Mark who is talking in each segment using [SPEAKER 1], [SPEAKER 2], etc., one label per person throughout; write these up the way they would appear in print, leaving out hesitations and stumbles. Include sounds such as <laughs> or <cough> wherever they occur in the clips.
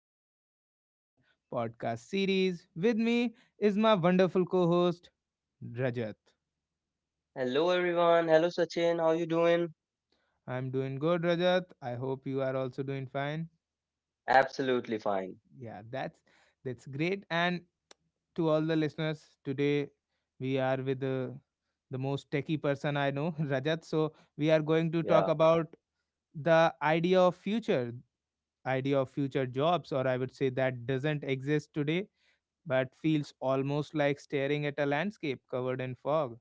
[SPEAKER 1] Welcome back to our podcast series. With me is my wonderful co host, Rajat.
[SPEAKER 2] Hello everyone. Hello Sachin. How you doing?
[SPEAKER 1] I'm doing good, Rajat. I hope you are also doing fine.
[SPEAKER 2] Absolutely fine.
[SPEAKER 1] Yeah, that's great. And to all the listeners, today we are with the most techie person I know, <laughs> Rajat. So we are going to talk
[SPEAKER 2] Yeah,
[SPEAKER 1] about the idea of future jobs, or I would say that doesn't exist today but feels almost like staring at a landscape covered in fog.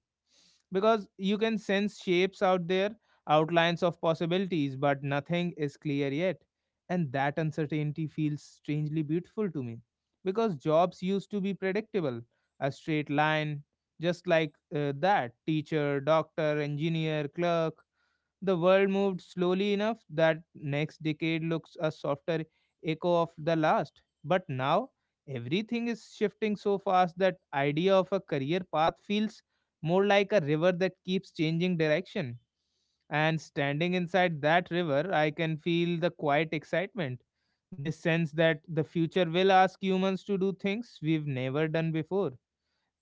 [SPEAKER 1] Because you can sense shapes out there, outlines of possibilities, but nothing is clear yet. And that uncertainty feels strangely beautiful to me. Because jobs used to be predictable, a straight line, just like that teacher, doctor, engineer, clerk, the world moved slowly enough that next decade looks a softer echo of the last. But now, everything is shifting so fast that idea of a career path feels more like a river that keeps changing direction. And standing inside that river, I can feel the quiet excitement. This sense that the future will ask humans to do things we've never done before,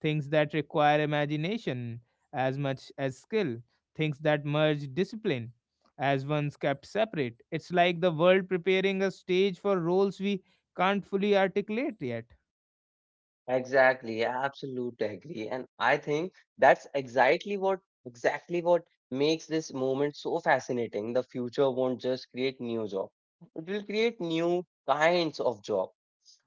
[SPEAKER 1] things that require imagination as much as skill, things that merge discipline as once kept separate. It's like the world preparing a stage for roles we can't fully articulate yet.
[SPEAKER 2] exactly. Absolutely agree. And I think that's exactly what makes this moment so fascinating. The future won't just create new job. It will create new kinds of job.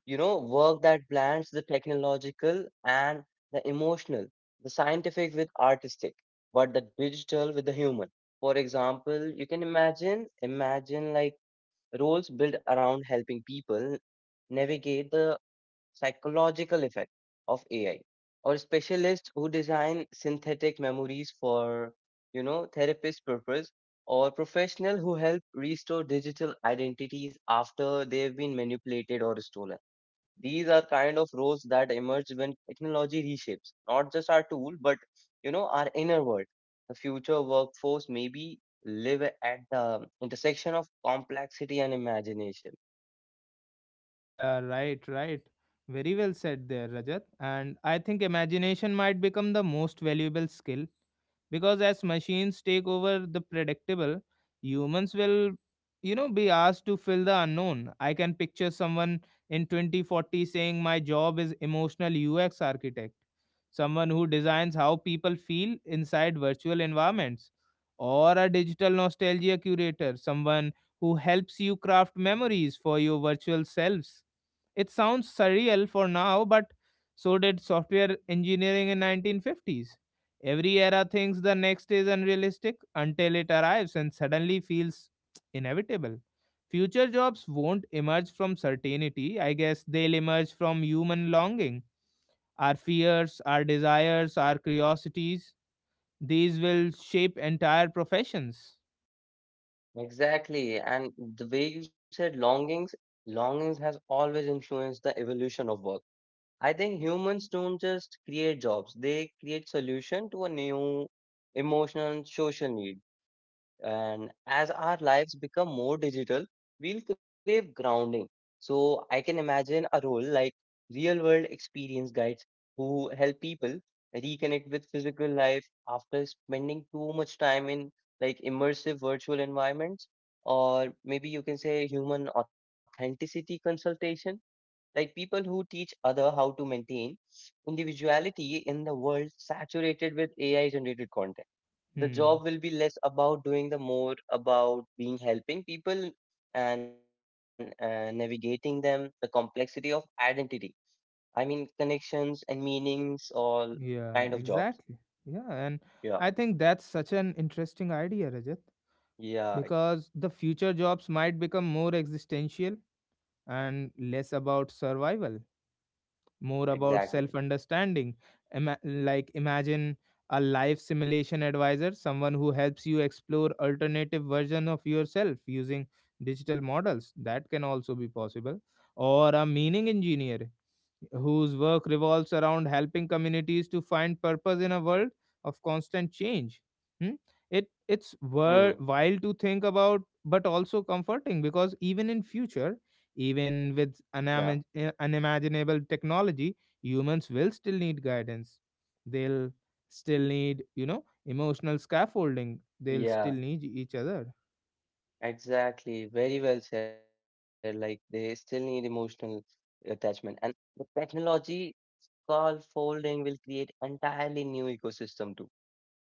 [SPEAKER 2] You know, work that blends the technological and the emotional, the scientific with artistic, but the digital with the human. For example, you can imagine like roles built around helping people navigate the psychological effect of AI, or specialists who design synthetic memories for, therapist purpose, or professional who help restore digital identities after they've been manipulated or stolen. These are kind of roles that emerge when technology reshapes not just our tool but our inner world. The future workforce maybe live at the intersection of complexity and imagination.
[SPEAKER 1] Yeah, right, right. Very well said there, Rajat. And I think imagination might become the most valuable skill, because as machines take over the predictable, humans will you know be asked to fill the unknown. I can picture someone in 2040 saying my job is emotional UX architect, someone who designs how people feel inside virtual environments, or a digital nostalgia curator, someone who helps you craft memories for your virtual selves. It sounds surreal for now, but so did software engineering in 1950s. Every era thinks the next is unrealistic until it arrives and suddenly feels inevitable. Future jobs won't emerge from certainty. I guess they'll emerge from human longing. Our fears, our desires, our curiosities, these will shape entire professions.
[SPEAKER 2] Exactly. And the way you said longings has always influenced the evolution of work. I think humans don't just create jobs, they create solution to a new emotional and social need. And as our lives become more digital, we'll crave grounding. So I can imagine a role like real world experience guides who help people reconnect with physical life after spending too much time in like immersive virtual environments, or maybe you can say human authenticity consultation, like people who teach other how to maintain individuality in the world saturated with ai generated content. The
[SPEAKER 1] Hmm.
[SPEAKER 2] job will be less about doing, the more about being, helping people and navigating them the complexity of identity, I mean connections and meanings, all kind of
[SPEAKER 1] Yeah,
[SPEAKER 2] jobs.
[SPEAKER 1] exactly. Yeah, and
[SPEAKER 2] Yeah.
[SPEAKER 1] I think that's such an interesting idea, Rajat.
[SPEAKER 2] yeah e-
[SPEAKER 1] Because the future jobs might become more existential and less about survival, more about
[SPEAKER 2] exactly.
[SPEAKER 1] self understanding. Like imagine a life simulation advisor, someone who helps you explore alternative version of yourself using digital models, that can also be possible, or a meaning engineer, whose work revolves around helping communities to find purpose in a world of constant change. Hmm?
[SPEAKER 2] Mm,
[SPEAKER 1] Wild to think about, but also comforting because even in future, even with
[SPEAKER 2] yeah.
[SPEAKER 1] unimaginable technology, humans will still need guidance. They'll still need you know emotional scaffolding. They'll
[SPEAKER 2] Yeah,
[SPEAKER 1] still need each other.
[SPEAKER 2] exactly, very well said. Like they still need emotional attachment, and the technology called folding will create entirely new ecosystem too.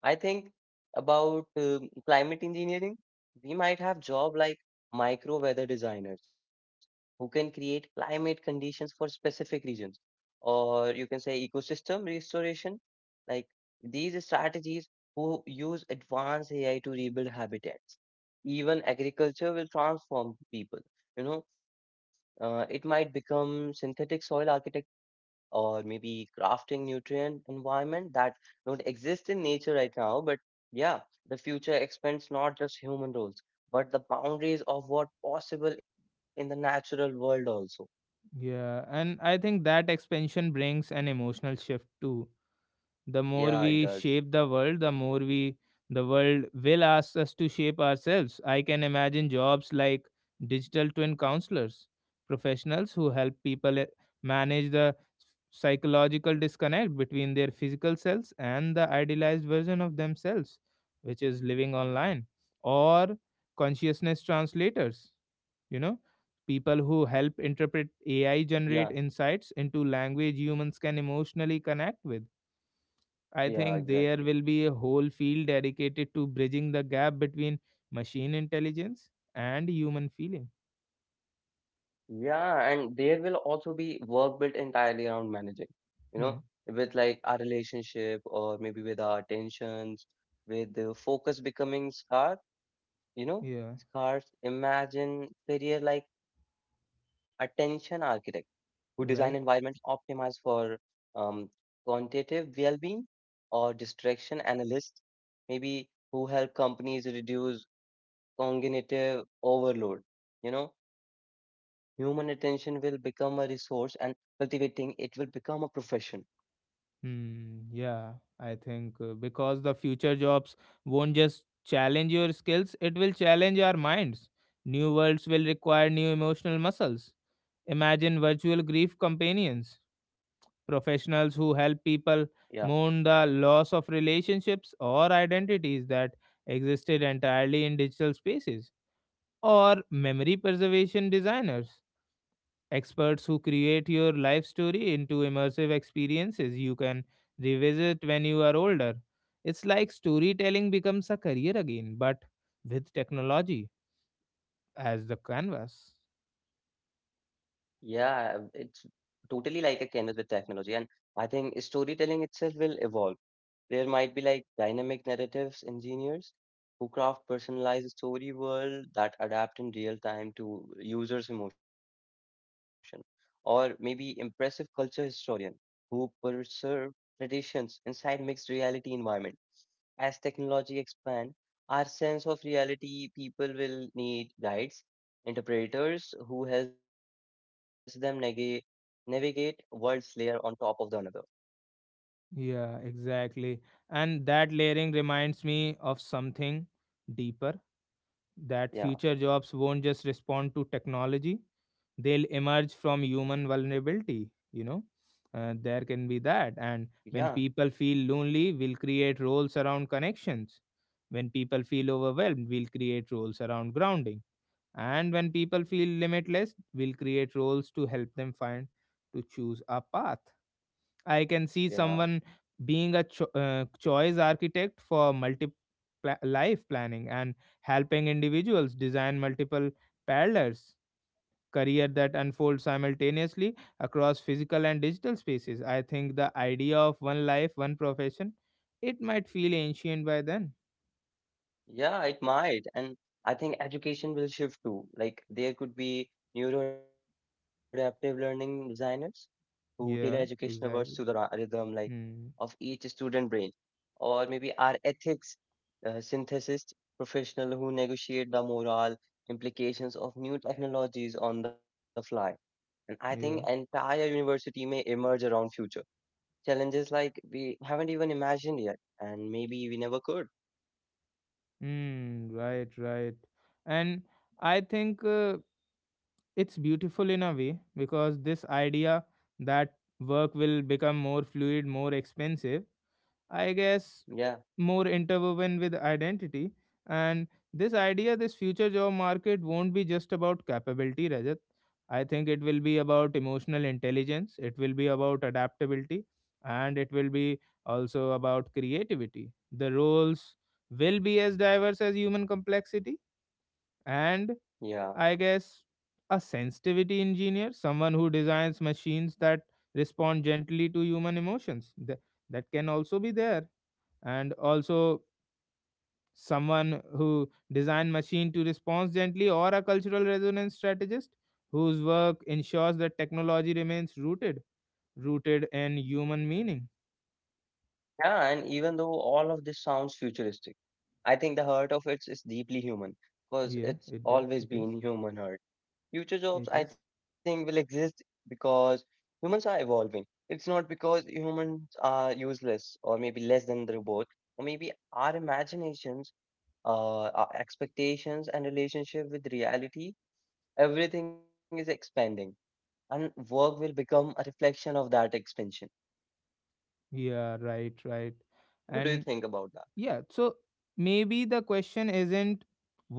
[SPEAKER 2] I think about climate engineering, we might have job like micro weather designers who can create climate conditions for specific regions, or you can say ecosystem restoration. Like these strategies who use advanced AI to rebuild habitats. Even agriculture will transform people. You know, it might become synthetic soil architecture, or maybe crafting nutrient environment that don't exist in nature right now. But yeah, the future expands not just human roles, but the boundaries of what possible in the natural world also.
[SPEAKER 1] Yeah, and I think that expansion brings an emotional shift too. The more
[SPEAKER 2] Yeah, it
[SPEAKER 1] we
[SPEAKER 2] does.
[SPEAKER 1] shape the world, the more we the world will ask us to shape ourselves. I can imagine jobs like digital twin counselors, professionals who help people manage the psychological disconnect between their physical selves and the idealized version of themselves, which is living online, or consciousness translators, you know, people who help interpret
[SPEAKER 2] Yeah,
[SPEAKER 1] AI generate insights into language humans can emotionally connect with. I think
[SPEAKER 2] yeah,
[SPEAKER 1] there will be
[SPEAKER 2] exactly.
[SPEAKER 1] a whole field dedicated to bridging the gap between machine intelligence and human feeling.
[SPEAKER 2] Yeah, and there will also be work built entirely around managing, you
[SPEAKER 1] Hmm.
[SPEAKER 2] know, with like our relationship or maybe with our tensions, with the focus becoming scarce, you know,
[SPEAKER 1] Yeah,
[SPEAKER 2] scars imagine career like attention architect who design environments
[SPEAKER 1] right.
[SPEAKER 2] optimized for um, quantitative well-being, or distraction analysts, maybe who help companies reduce cognitive overload. You know, human attention will become a resource and cultivating it will become a profession.
[SPEAKER 1] Hmm. Yeah, I think because the future jobs won't just challenge your skills, it will challenge our minds. New worlds will require new emotional muscles. Imagine virtual grief companions, professionals who
[SPEAKER 2] Yeah,
[SPEAKER 1] help people mourn the loss of relationships or identities that existed entirely in digital spaces, or memory preservation designers, experts who create your life story into immersive experiences you can revisit when you are older. It's like storytelling becomes a career again, but with technology as the canvas.
[SPEAKER 2] yeah, it's totally like a canvas with technology, and I think storytelling itself will evolve. There might be like dynamic narratives engineers who craft personalized story world that adapt in real time to users' emotion, or maybe impressive culture historian who preserve traditions inside mixed reality environment. As technology expand, our sense of reality people will need guides, interpreters who helps them navigate worlds layer on top of the another.
[SPEAKER 1] Yeah, exactly. And that layering reminds me of something deeper, that
[SPEAKER 2] Yeah,
[SPEAKER 1] future jobs won't just respond to technology, they'll emerge from human vulnerability, you know. There can be
[SPEAKER 2] yeah,
[SPEAKER 1] that. And when people feel lonely, we'll create roles around connections. When people feel overwhelmed, we'll create roles around grounding. And when people feel limitless, we'll create roles to help them find to choose a path. I can
[SPEAKER 2] yeah.
[SPEAKER 1] see someone being a choice architect for life planning and helping individuals design multiple parallels career that unfold simultaneously across physical and digital spaces. I think the idea of one life, one profession, it might feel ancient by then.
[SPEAKER 2] Yeah, it might. And I think education will shift too. Like there could be neuroadaptive learning designers who tailor educational
[SPEAKER 1] Yeah,
[SPEAKER 2] words to the
[SPEAKER 1] exactly.
[SPEAKER 2] rhythm like of
[SPEAKER 1] Hmm.
[SPEAKER 2] each student brain, or maybe our ethics synthesist professional who negotiate the moral implications of new technologies on the fly. And I think
[SPEAKER 1] Yeah.
[SPEAKER 2] entire university may emerge around future challenges like we haven't even imagined yet, and maybe we never could.
[SPEAKER 1] Hmm. Right. Right. And I think. It's beautiful in a way because this idea that work will become more fluid, more expensive, I guess
[SPEAKER 2] Yeah,
[SPEAKER 1] more interwoven with identity. And this idea, this future job market won't be just about capability, Rajat. I think it will be about emotional intelligence, it will be about adaptability, and it will be also about creativity. The roles will be as diverse as human complexity, and
[SPEAKER 2] yeah.
[SPEAKER 1] I guess a sensitivity engineer, someone who designs machines that respond gently to human emotions. That can also be there. And also someone who design machine to respond gently or a cultural resonance strategist whose work ensures that technology remains rooted, rooted in human meaning.
[SPEAKER 2] Yeah, and even though all of this sounds futuristic, I think the heart of it is deeply human because
[SPEAKER 1] Yeah,
[SPEAKER 2] it's
[SPEAKER 1] it does. It
[SPEAKER 2] always
[SPEAKER 1] is.
[SPEAKER 2] been human heart. Future
[SPEAKER 1] It is.
[SPEAKER 2] jobs, I think, will exist because humans are evolving. It's not because humans are useless or maybe less than the robot, or maybe our imaginations, our expectations, and relationship with reality, everything is expanding, and work will become a reflection of that expansion.
[SPEAKER 1] Yeah, right, right.
[SPEAKER 2] What do you
[SPEAKER 1] And
[SPEAKER 2] think about that?
[SPEAKER 1] yeah, so maybe the question isn't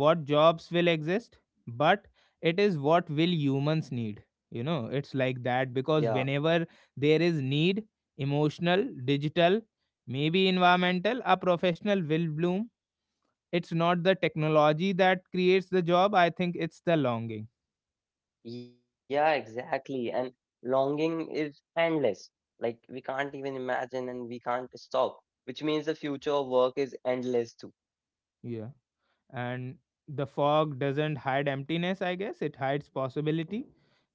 [SPEAKER 1] what jobs will exist, but it is what will humans need. You know, it's like that
[SPEAKER 2] Yeah.
[SPEAKER 1] because whenever there is need, emotional, digital, maybe environmental, a professional will bloom. It's not the technology that creates the job, I think it's the longing.
[SPEAKER 2] Yeah, exactly. And longing is endless. Like we can't even imagine and we can't stop, which means the future of work is endless too.
[SPEAKER 1] Yeah. And the fog doesn't hide emptiness, I guess it hides possibility.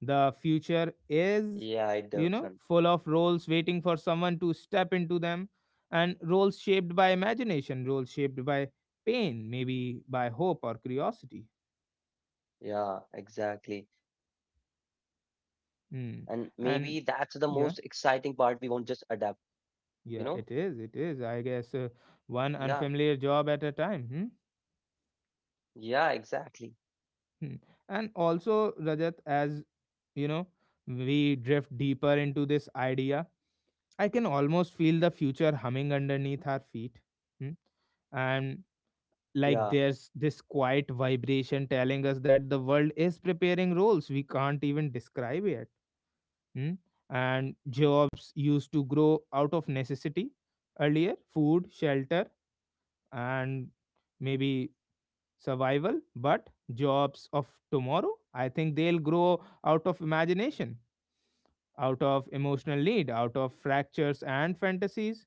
[SPEAKER 1] The
[SPEAKER 2] Yeah, it
[SPEAKER 1] future
[SPEAKER 2] does. Son.
[SPEAKER 1] is you know full of roles waiting for someone to step into them, and roles shaped by imagination, roles shaped by pain, maybe by hope or curiosity.
[SPEAKER 2] Yeah, exactly. And maybe that's the most
[SPEAKER 1] Hmm.
[SPEAKER 2] exciting part. We
[SPEAKER 1] And
[SPEAKER 2] won't just
[SPEAKER 1] yeah,
[SPEAKER 2] adapt, you know?
[SPEAKER 1] yeah it is, it is, I guess
[SPEAKER 2] Yeah,
[SPEAKER 1] one unfamiliar job at a time.
[SPEAKER 2] yeah, exactly.
[SPEAKER 1] Hmm? Hmm. And also Rajat, as you know, we drift deeper into this idea. I can almost feel the future humming underneath our feet. Hmm? And
[SPEAKER 2] Yeah,
[SPEAKER 1] like there's this quiet vibration telling us that the world is preparing roles we can't even describe yet. Hmm? And jobs used to grow out of necessity, earlier food, shelter, and maybe survival. But jobs of tomorrow, I think they'll grow out of imagination, out of emotional need, out of
[SPEAKER 2] yeah,
[SPEAKER 1] fractures and fantasies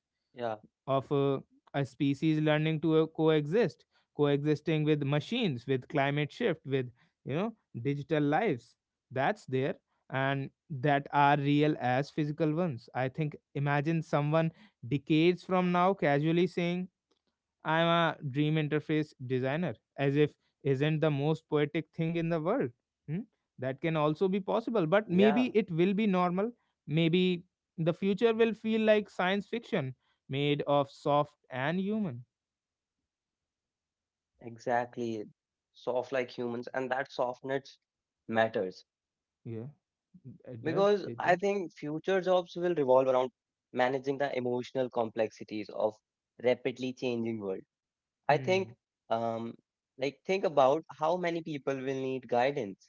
[SPEAKER 1] of a species learning to coexisting with machines, with climate shift, with you know digital lives that's there, and that are real as physical ones. I think imagine someone decades from now casually saying I'm a dream interface designer, as if isn't the most poetic thing in the world. Hmm? That can also be
[SPEAKER 2] yeah,
[SPEAKER 1] possible, but maybe it will be normal. Maybe the future will feel like science fiction made of soft and human.
[SPEAKER 2] exactly. Soft like humans, and that softness matters because
[SPEAKER 1] Yeah,
[SPEAKER 2] I think
[SPEAKER 1] it
[SPEAKER 2] future
[SPEAKER 1] does.
[SPEAKER 2] jobs
[SPEAKER 1] It does.
[SPEAKER 2] will revolve around managing the emotional complexities of rapidly changing world. I think
[SPEAKER 1] Hmm.
[SPEAKER 2] um like think about how many people will need guidance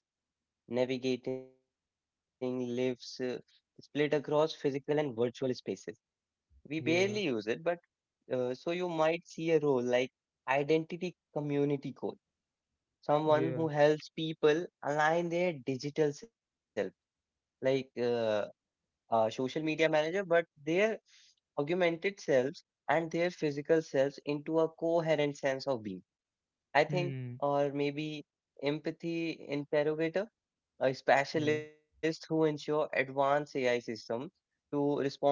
[SPEAKER 2] navigating lives split across physical and virtual spaces. We barely use it,
[SPEAKER 1] Yeah.
[SPEAKER 2] but so you might see a role like identity community coach, someone who
[SPEAKER 1] Yeah.
[SPEAKER 2] helps people align their digital self like social media manager, but their augmented selves and their physical selves into a coherent sense of being. I think,
[SPEAKER 1] Hmm.
[SPEAKER 2] or maybe empathy interrogator, a
[SPEAKER 1] Yeah.
[SPEAKER 2] specialist who ensure advanced AI system to respond with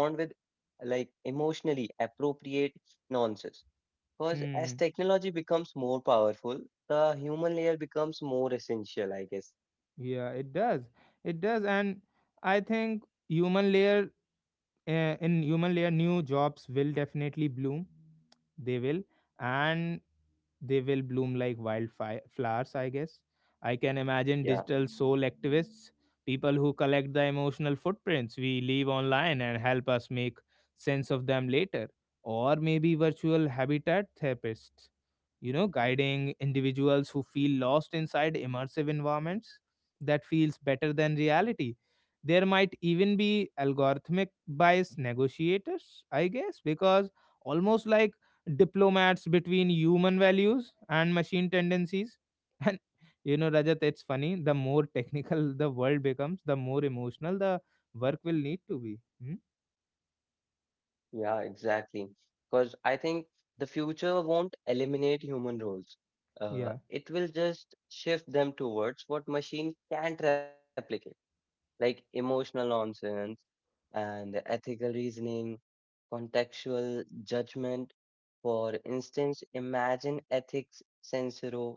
[SPEAKER 2] like emotionally appropriate nonsense. Because as
[SPEAKER 1] Hmm.
[SPEAKER 2] technology becomes more powerful, the human layer becomes more essential, I guess.
[SPEAKER 1] Yeah, it does. It does. And I think human layer, in human layer new jobs will definitely bloom, they will, and they will bloom like wildfire flowers, I guess. I can imagine
[SPEAKER 2] Yeah.
[SPEAKER 1] digital soul activists, people who collect the emotional footprints we leave online and help us make sense of them later, or maybe virtual habitat therapists, you know, guiding individuals who feel lost inside immersive environments that feels better than reality. There might even be algorithmic bias negotiators, I guess, because almost like diplomats between human values and machine tendencies. <laughs> And you know, Rajat, it's funny. The more technical <laughs> the world becomes, the more emotional the work will need to be. Hmm?
[SPEAKER 2] Yeah, exactly. Because I think the future won't eliminate human roles. Uh,
[SPEAKER 1] Yeah.
[SPEAKER 2] it will just shift them towards what machines can't replicate, like emotional nonsense and ethical reasoning, contextual judgment. For instance, imagine ethics censor,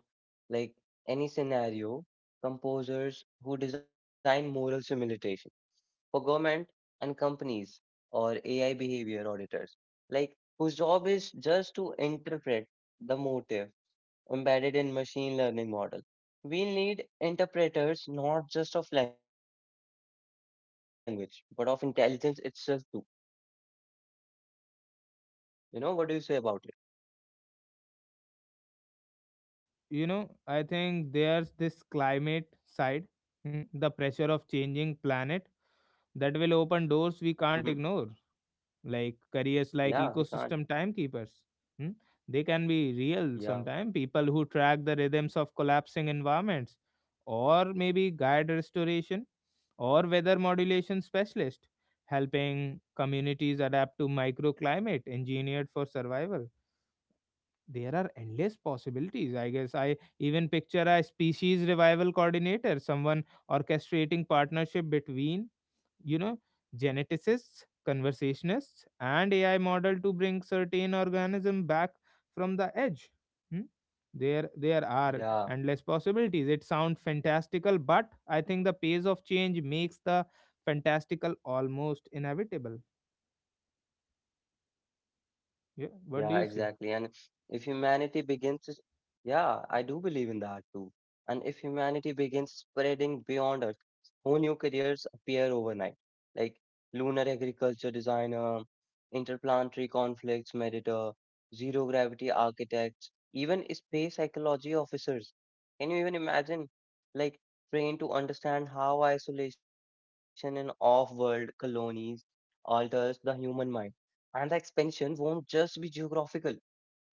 [SPEAKER 2] like any scenario, composers who design moral simulation for government and companies, or AI behavior auditors, like whose job is just to interpret the motive embedded in machine learning model. We need interpreters not just of language, but of intelligence itself too. You know, what do you say about it?
[SPEAKER 1] You know, I think there's this climate side, hmm, the pressure of changing planet that will
[SPEAKER 2] Hmm.
[SPEAKER 1] open doors we can't ignore. Like
[SPEAKER 2] Yeah,
[SPEAKER 1] careers
[SPEAKER 2] we
[SPEAKER 1] like
[SPEAKER 2] can't.
[SPEAKER 1] ecosystem timekeepers, hmm, they can be real
[SPEAKER 2] Yeah,
[SPEAKER 1] sometimes, people who track the rhythms of collapsing environments, or maybe guide restoration, or weather modulation specialist, helping communities adapt to microclimate engineered for survival. There are endless possibilities, I guess. I even picture a species revival coordinator, someone orchestrating partnership between you know geneticists, conversationists and AI model to bring certain organism back from the edge. Hmm? There are
[SPEAKER 2] yeah,
[SPEAKER 1] endless possibilities, it sounds fantastical, but I think the pace of change makes the fantastical almost inevitable.
[SPEAKER 2] yeah, exactly. And
[SPEAKER 1] Yeah, what do
[SPEAKER 2] if
[SPEAKER 1] you say?
[SPEAKER 2] humanity begins, to- Yeah, I do believe in that too. And if humanity begins spreading beyond Earth, whole new careers appear overnight, like lunar agriculture designer, interplanetary conflicts mediator, zero gravity architects, even space psychology officers. Can you even imagine? Like, trained to understand how isolation in off world colonies alters the human mind. And the expansion won't just be geographical,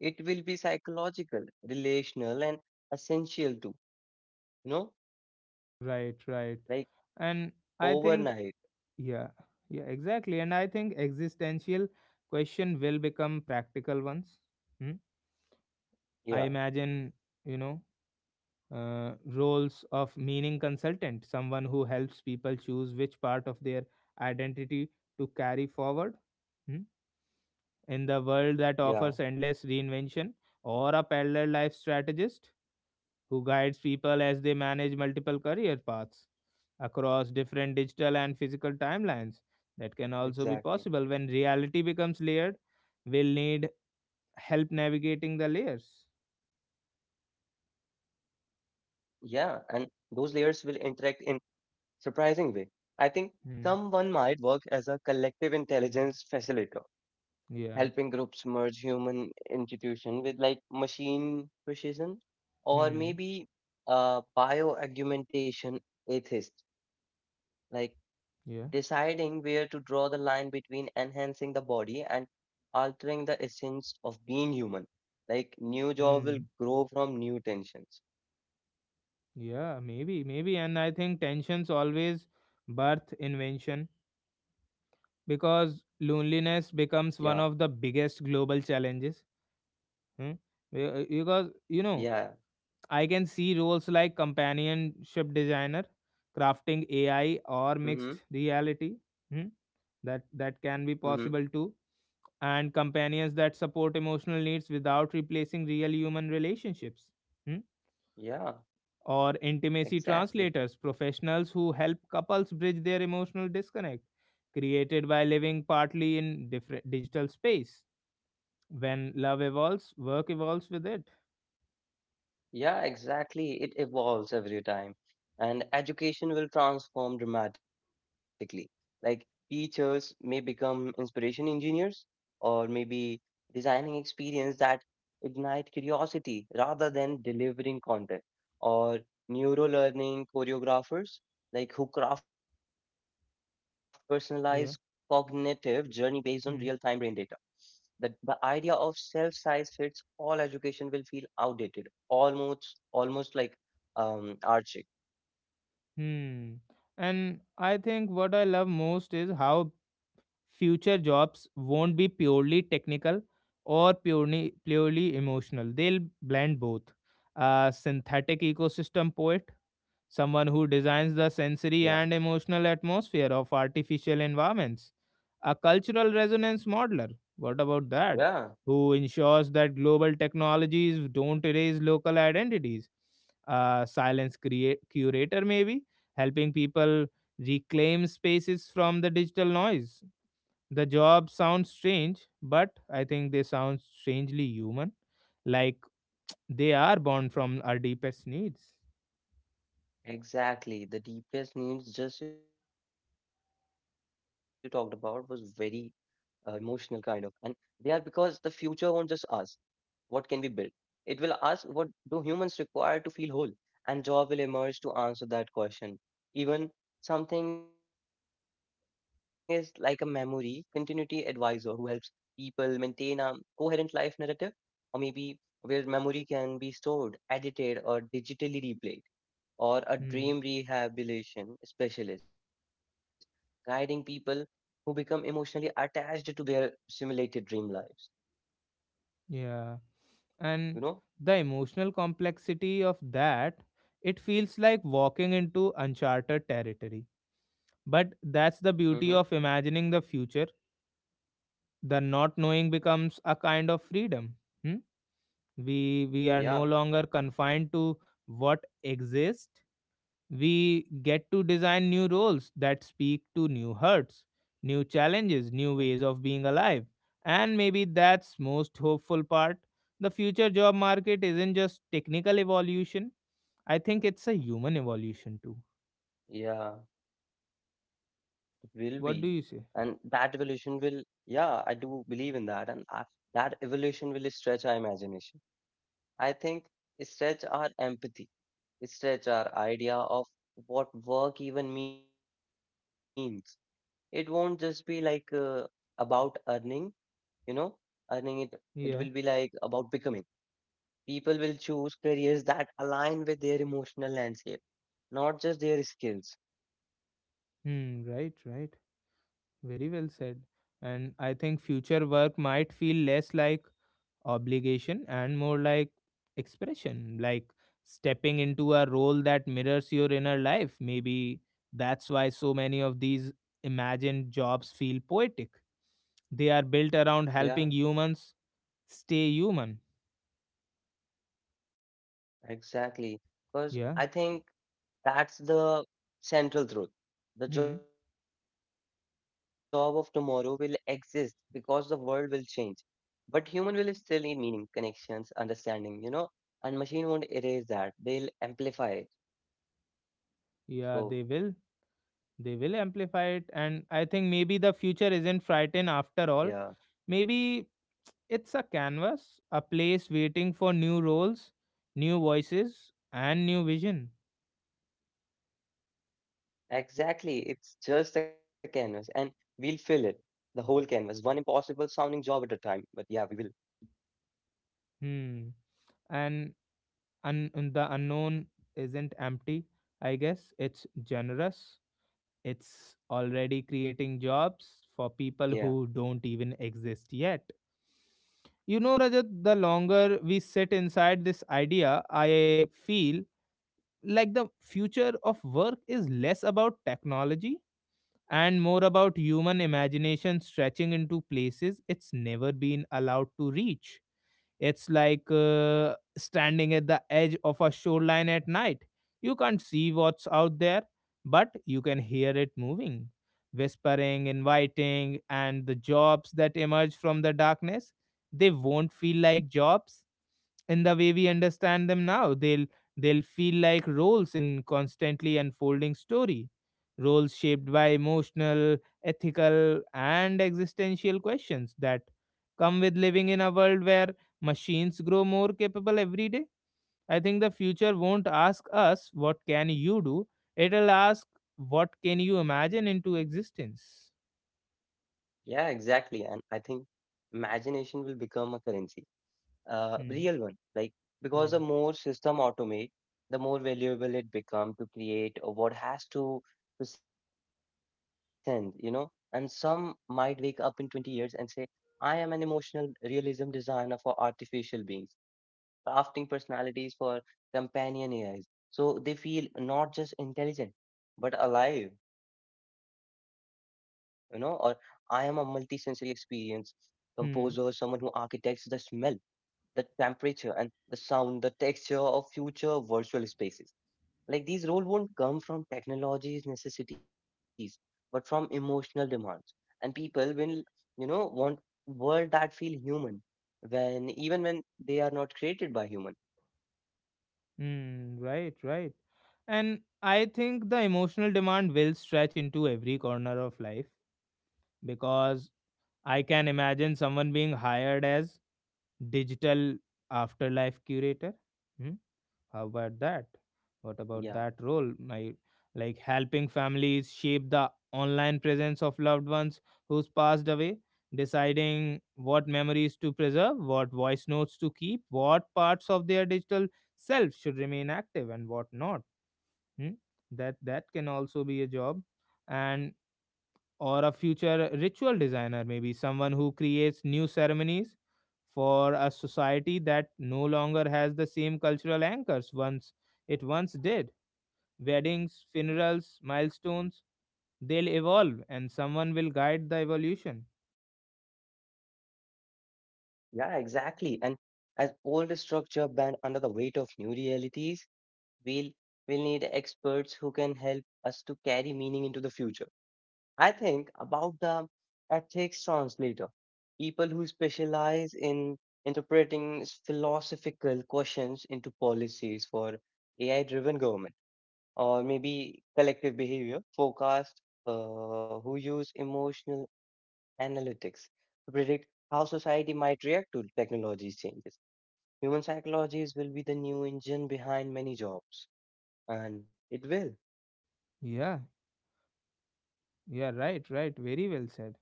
[SPEAKER 2] it will be psychological, relational, and essential too, you know,
[SPEAKER 1] Right, right.
[SPEAKER 2] like
[SPEAKER 1] And I
[SPEAKER 2] overnight.
[SPEAKER 1] think, yeah, yeah, exactly, and I think existential question will become practical ones. Hmm? I
[SPEAKER 2] Yeah.
[SPEAKER 1] imagine, you know, roles of meaning consultant, someone who helps people choose which part of their identity to carry forward. Hmm? In the world
[SPEAKER 2] Yeah,
[SPEAKER 1] that offers endless reinvention, or a parallel life strategist who guides people as they manage multiple career paths across different
[SPEAKER 2] exactly.
[SPEAKER 1] digital and physical timelines. That can also be possible. When reality becomes layered, we'll need help navigating the layers.
[SPEAKER 2] Yeah, and those layers will interact in surprising way. I think someone
[SPEAKER 1] Hmm.
[SPEAKER 2] might work as a collective intelligence facilitator,
[SPEAKER 1] Yeah.
[SPEAKER 2] helping groups merge human intuition with like machine precision, or
[SPEAKER 1] Hmm.
[SPEAKER 2] maybe a bioaugmentation atheist, like
[SPEAKER 1] Yeah.
[SPEAKER 2] deciding where to draw the line between enhancing the body and altering the essence of being human. Like new jaw will
[SPEAKER 1] Hmm.
[SPEAKER 2] grow from new tensions.
[SPEAKER 1] Yeah, maybe, maybe. And I think tensions always birth invention, because
[SPEAKER 2] Yeah,
[SPEAKER 1] loneliness becomes one of the biggest global challenges. Hmm? Because,
[SPEAKER 2] yeah.
[SPEAKER 1] you know, I can see roles like companionship designer, crafting AI,
[SPEAKER 2] Mm-hmm.
[SPEAKER 1] or mixed reality. Hmm? That
[SPEAKER 2] Mm-hmm.
[SPEAKER 1] can be possible too. And companions that support emotional needs without replacing real human relationships. Hmm?
[SPEAKER 2] Yeah,
[SPEAKER 1] Or intimacy
[SPEAKER 2] exactly.
[SPEAKER 1] translators, professionals who help couples bridge their emotional disconnect, created by living partly in different digital space. When love evolves, work evolves with it.
[SPEAKER 2] Yeah, exactly. It evolves every time. And education will transform dramatically. Like teachers may become inspiration engineers, or maybe designing experience that ignite curiosity rather than delivering content. Or neurolearning choreographers, like who craft personalized cognitive journey
[SPEAKER 1] Yeah.
[SPEAKER 2] based on real-time brain data,
[SPEAKER 1] Hmm.
[SPEAKER 2] that the idea of self-size fits all education will feel outdated, almost like archaic.
[SPEAKER 1] Hmm. And I think what I love most is how future jobs won't be purely technical or purely emotional. They'll blend both. A synthetic ecosystem poet, someone who
[SPEAKER 2] Yeah,
[SPEAKER 1] designs the sensory and emotional atmosphere of artificial environments, a cultural
[SPEAKER 2] yeah,
[SPEAKER 1] resonance modeler. What about that? Who ensures that global technologies don't erase local identities? A curator, maybe, helping people reclaim spaces from the digital noise. The job sounds strange, but I think they sound strangely human, like they are born from our deepest needs.
[SPEAKER 2] exactly. The deepest needs just you talked about was very emotional kind of, and they are because the future won't just ask. What can we build? It will ask what do humans require to feel whole, and job will emerge to answer that question. Even something is like a memory continuity advisor who helps people maintain a coherent life narrative, or maybe where memory can be stored, edited, or digitally replayed, or a
[SPEAKER 1] Hmm.
[SPEAKER 2] dream rehabilitation specialist guiding people who become emotionally attached to their simulated dream lives.
[SPEAKER 1] Yeah.
[SPEAKER 2] You
[SPEAKER 1] And
[SPEAKER 2] know?
[SPEAKER 1] the emotional complexity of that, it feels like walking into uncharted territory, but that's
[SPEAKER 2] Hmm.
[SPEAKER 1] the beauty of imagining the future. The not knowing becomes a kind of freedom. Hmm? We are
[SPEAKER 2] Yeah,
[SPEAKER 1] no longer confined to what exists. We get to design new roles that speak to new hurts, new challenges,
[SPEAKER 2] and-
[SPEAKER 1] new ways of being alive. And maybe that's most hopeful part. The future job market isn't just technical evolution. I think it's a human evolution too.
[SPEAKER 2] yeah, it will be.
[SPEAKER 1] What do you
[SPEAKER 2] And
[SPEAKER 1] say?
[SPEAKER 2] that evolution will, yeah, I do believe in that. That evolution will stretch our imagination. I think stretch our empathy, stretch our idea of what work even means. It won't just be like about earning, you know, earning it. It will be like
[SPEAKER 1] Yeah.
[SPEAKER 2] about becoming. People will choose careers that align with their emotional landscape, not just their skills.
[SPEAKER 1] Hmm, right, right. Very well said. And I think future work might feel less like obligation and more like expression, like stepping into a role that mirrors your inner life. Maybe that's why so many of these imagined jobs feel poetic. They are built around
[SPEAKER 2] Yeah.
[SPEAKER 1] helping humans stay human.
[SPEAKER 2] Exactly. Because
[SPEAKER 1] Yeah.
[SPEAKER 2] I think that's the central truth. The
[SPEAKER 1] Hmm.
[SPEAKER 2] job of tomorrow will exist because the world will change. But human will still need meaning, connections, understanding, you know, and machine won't erase that. They'll amplify it.
[SPEAKER 1] Yeah,
[SPEAKER 2] So,
[SPEAKER 1] they will. They will amplify
[SPEAKER 2] yeah,
[SPEAKER 1] it. And I think maybe the future isn't frightened after all. Maybe it's a canvas, a place waiting for new roles, new voices, and new vision.
[SPEAKER 2] exactly. It's just a canvas and we'll fill it. The whole canvas, one impossible sounding job at a time. But yeah, we will.
[SPEAKER 1] Hmm. And un and the unknown isn't empty, I guess. It's generous. It's
[SPEAKER 2] Yeah.
[SPEAKER 1] already creating jobs for people who don't even exist yet. You know, Rajat, the longer we sit inside this idea, I feel like the future of work is less about technology and more about human imagination stretching into places it's never been allowed to reach. It's like standing at the edge of a shoreline at night. You can't see what's out there, but you can hear it moving, whispering, inviting, and the jobs that emerge from the darkness, they won't feel like jobs in the way we understand them now. They'll feel like roles in constantly unfolding story, roles shaped by emotional, ethical, and existential questions that come with living in a world where machines grow more capable every day. I think the future won't ask us what can you do. It'll ask what can you imagine into existence.
[SPEAKER 2] Yeah, exactly. And I think imagination will become a currency, a
[SPEAKER 1] Hmm.
[SPEAKER 2] real one. Like, because
[SPEAKER 1] Yeah.
[SPEAKER 2] the more system automate, the more valuable it become to create what has to present, you know. And some might wake up in 20 years and say, I am an emotional realism designer for artificial beings crafting personalities for companion AIs. So they feel not just intelligent, but alive, you know, or I am a multisensory experience composer, someone who
[SPEAKER 1] Hmm.
[SPEAKER 2] architects the smell, the temperature, and the sound, the texture of future virtual spaces. Like these roles won't come from technology's necessities, but from emotional demands. And people will, you know, want world that feel human when even when they are not created by human.
[SPEAKER 1] Hmm, right, right. And I think the emotional demand will stretch into every corner of life, because I can imagine someone being hired as digital afterlife curator. Hmm, how about that?
[SPEAKER 2] Yeah,
[SPEAKER 1] What about that role? My, like helping families shape the online presence of loved ones who's passed away, deciding what memories to preserve, what voice notes to keep, what parts of their digital self should remain active and what not. Hmm? That can also be a job, and or a future ritual designer, maybe someone who creates new ceremonies for a society that no longer has the same cultural anchors once it once did. Weddings, funerals, milestones, they'll evolve and someone will guide the evolution.
[SPEAKER 2] yeah, exactly. And as old structure bend under the weight of new realities, we'll we'll need experts who can help us to carry meaning into the future. I think about the ethics translator, people who specialize in interpreting philosophical questions into policies for AI-driven government or maybe collective behavior forecast, who use emotional analytics to predict how society might react to technology changes. Human psychologies will be the new engine behind many jobs, and it will.
[SPEAKER 1] Yeah, yeah, right, right. Very well said.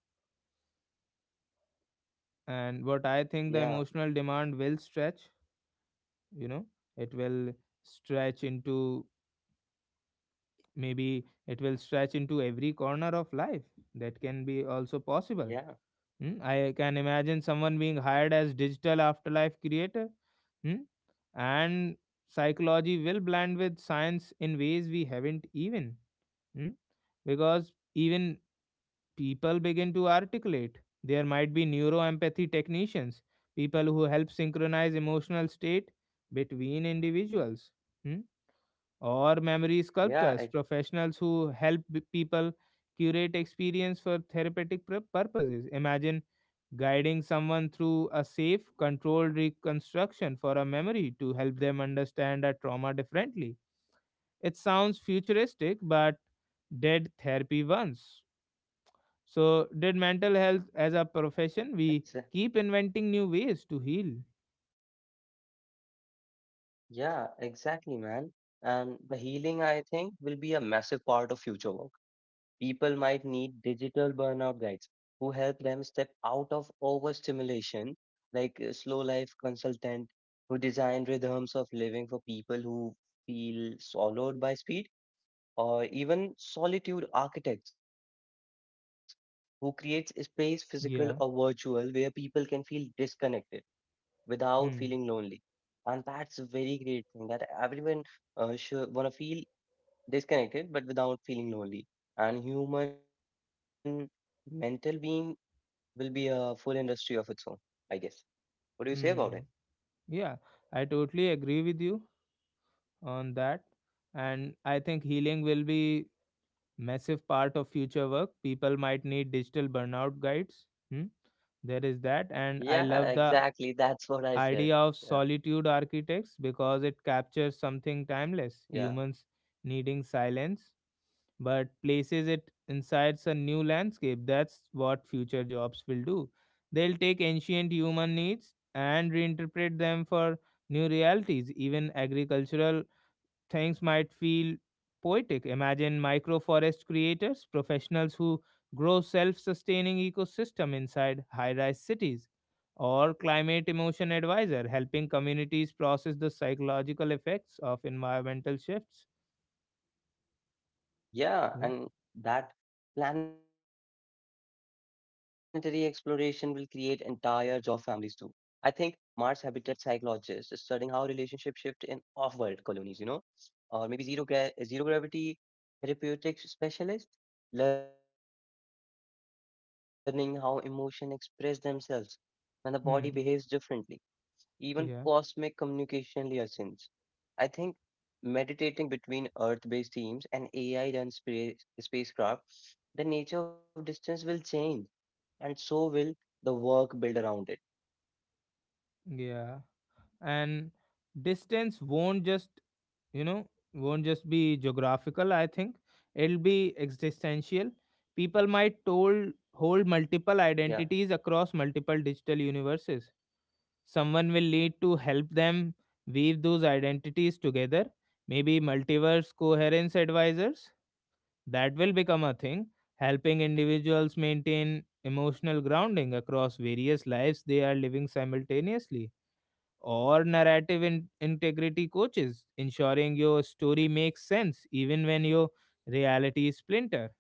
[SPEAKER 1] And what I think the
[SPEAKER 2] Yeah,
[SPEAKER 1] emotional demand will stretch, you know, it will stretch into, maybe it will stretch into every corner of life. That can be also
[SPEAKER 2] yeah,
[SPEAKER 1] possible. Hmm, I can imagine someone being hired as digital afterlife creator. Hmm? And psychology will blend with science in ways we haven't even. Hmm? Because even people begin to articulate. There might be neuroempathy technicians, people who help synchronize emotional state between individuals. Hmm. Or memory
[SPEAKER 2] yeah, ex-
[SPEAKER 1] sculptors, professionals who help people curate experience for therapeutic purposes. Imagine guiding someone through a safe, controlled reconstruction for a memory to help them understand a trauma differently. It sounds futuristic, but did therapy once. So, did mental health
[SPEAKER 2] ex-
[SPEAKER 1] as a profession? We keep inventing new ways to heal.
[SPEAKER 2] yeah, exactly, man. And the healing, I think, will be a massive part of future work. People might need digital burnout guides who help them step out of overstimulation, like a slow life consultant who design rhythms of living for people who feel swallowed by speed, or even solitude architects who creates a space, physical or virtual, where
[SPEAKER 1] Yeah.
[SPEAKER 2] people can feel disconnected without feeling lonely.
[SPEAKER 1] Hmm.
[SPEAKER 2] And that's a very great thing that everyone should want to feel disconnected but without feeling lonely. And human mental being will be a full industry of its own, I guess. What do you say about it?
[SPEAKER 1] Hmm. Yeah, I totally agree with you on that. And I think healing will be massive part of future work. People might need digital burnout guides. Hmm?
[SPEAKER 2] Yeah,
[SPEAKER 1] There is
[SPEAKER 2] exactly. <laughs>
[SPEAKER 1] that,
[SPEAKER 2] That's
[SPEAKER 1] and
[SPEAKER 2] what
[SPEAKER 1] I
[SPEAKER 2] I
[SPEAKER 1] love
[SPEAKER 2] said.
[SPEAKER 1] the
[SPEAKER 2] Yeah.
[SPEAKER 1] idea of solitude architects because it captures
[SPEAKER 2] Yeah,
[SPEAKER 1] something timeless, humans needing silence, but places it inside a new landscape. That's what future jobs will do. They'll take ancient human needs and reinterpret them for new realities. Even agricultural things might feel poetic. Imagine microforest creators, professionals who grow self-sustaining ecosystem inside high-rise cities, or climate emotion advisor helping communities process the psychological effects of environmental shifts.
[SPEAKER 2] yeah, and
[SPEAKER 1] Yeah.
[SPEAKER 2] that planetary exploration will create entire job families too. I think Mars habitat psychologists studying how relationships shift in off-world colonies, you know. Or maybe zero gravity therapeutic specialist, learning how emotion express themselves when the body behaves differently. Even
[SPEAKER 1] Hmm.
[SPEAKER 2] cosmic communication liaisons.
[SPEAKER 1] Yeah.
[SPEAKER 2] I think meditating between Earth-based teams and AI-run spacecraft, the nature of distance will change, and so will the work built around it.
[SPEAKER 1] Yeah. And distance won't just, you know, won't just be geographical. I think it'll be existential. People might told
[SPEAKER 2] Yeah,
[SPEAKER 1] hold multiple identities across multiple digital universes. Someone will need to help them weave those identities together. Maybe multiverse coherence advisors, that will become a thing, helping individuals maintain emotional grounding across various lives they are living simultaneously, or narrative integrity coaches, ensuring your story makes sense even when your reality is splinter.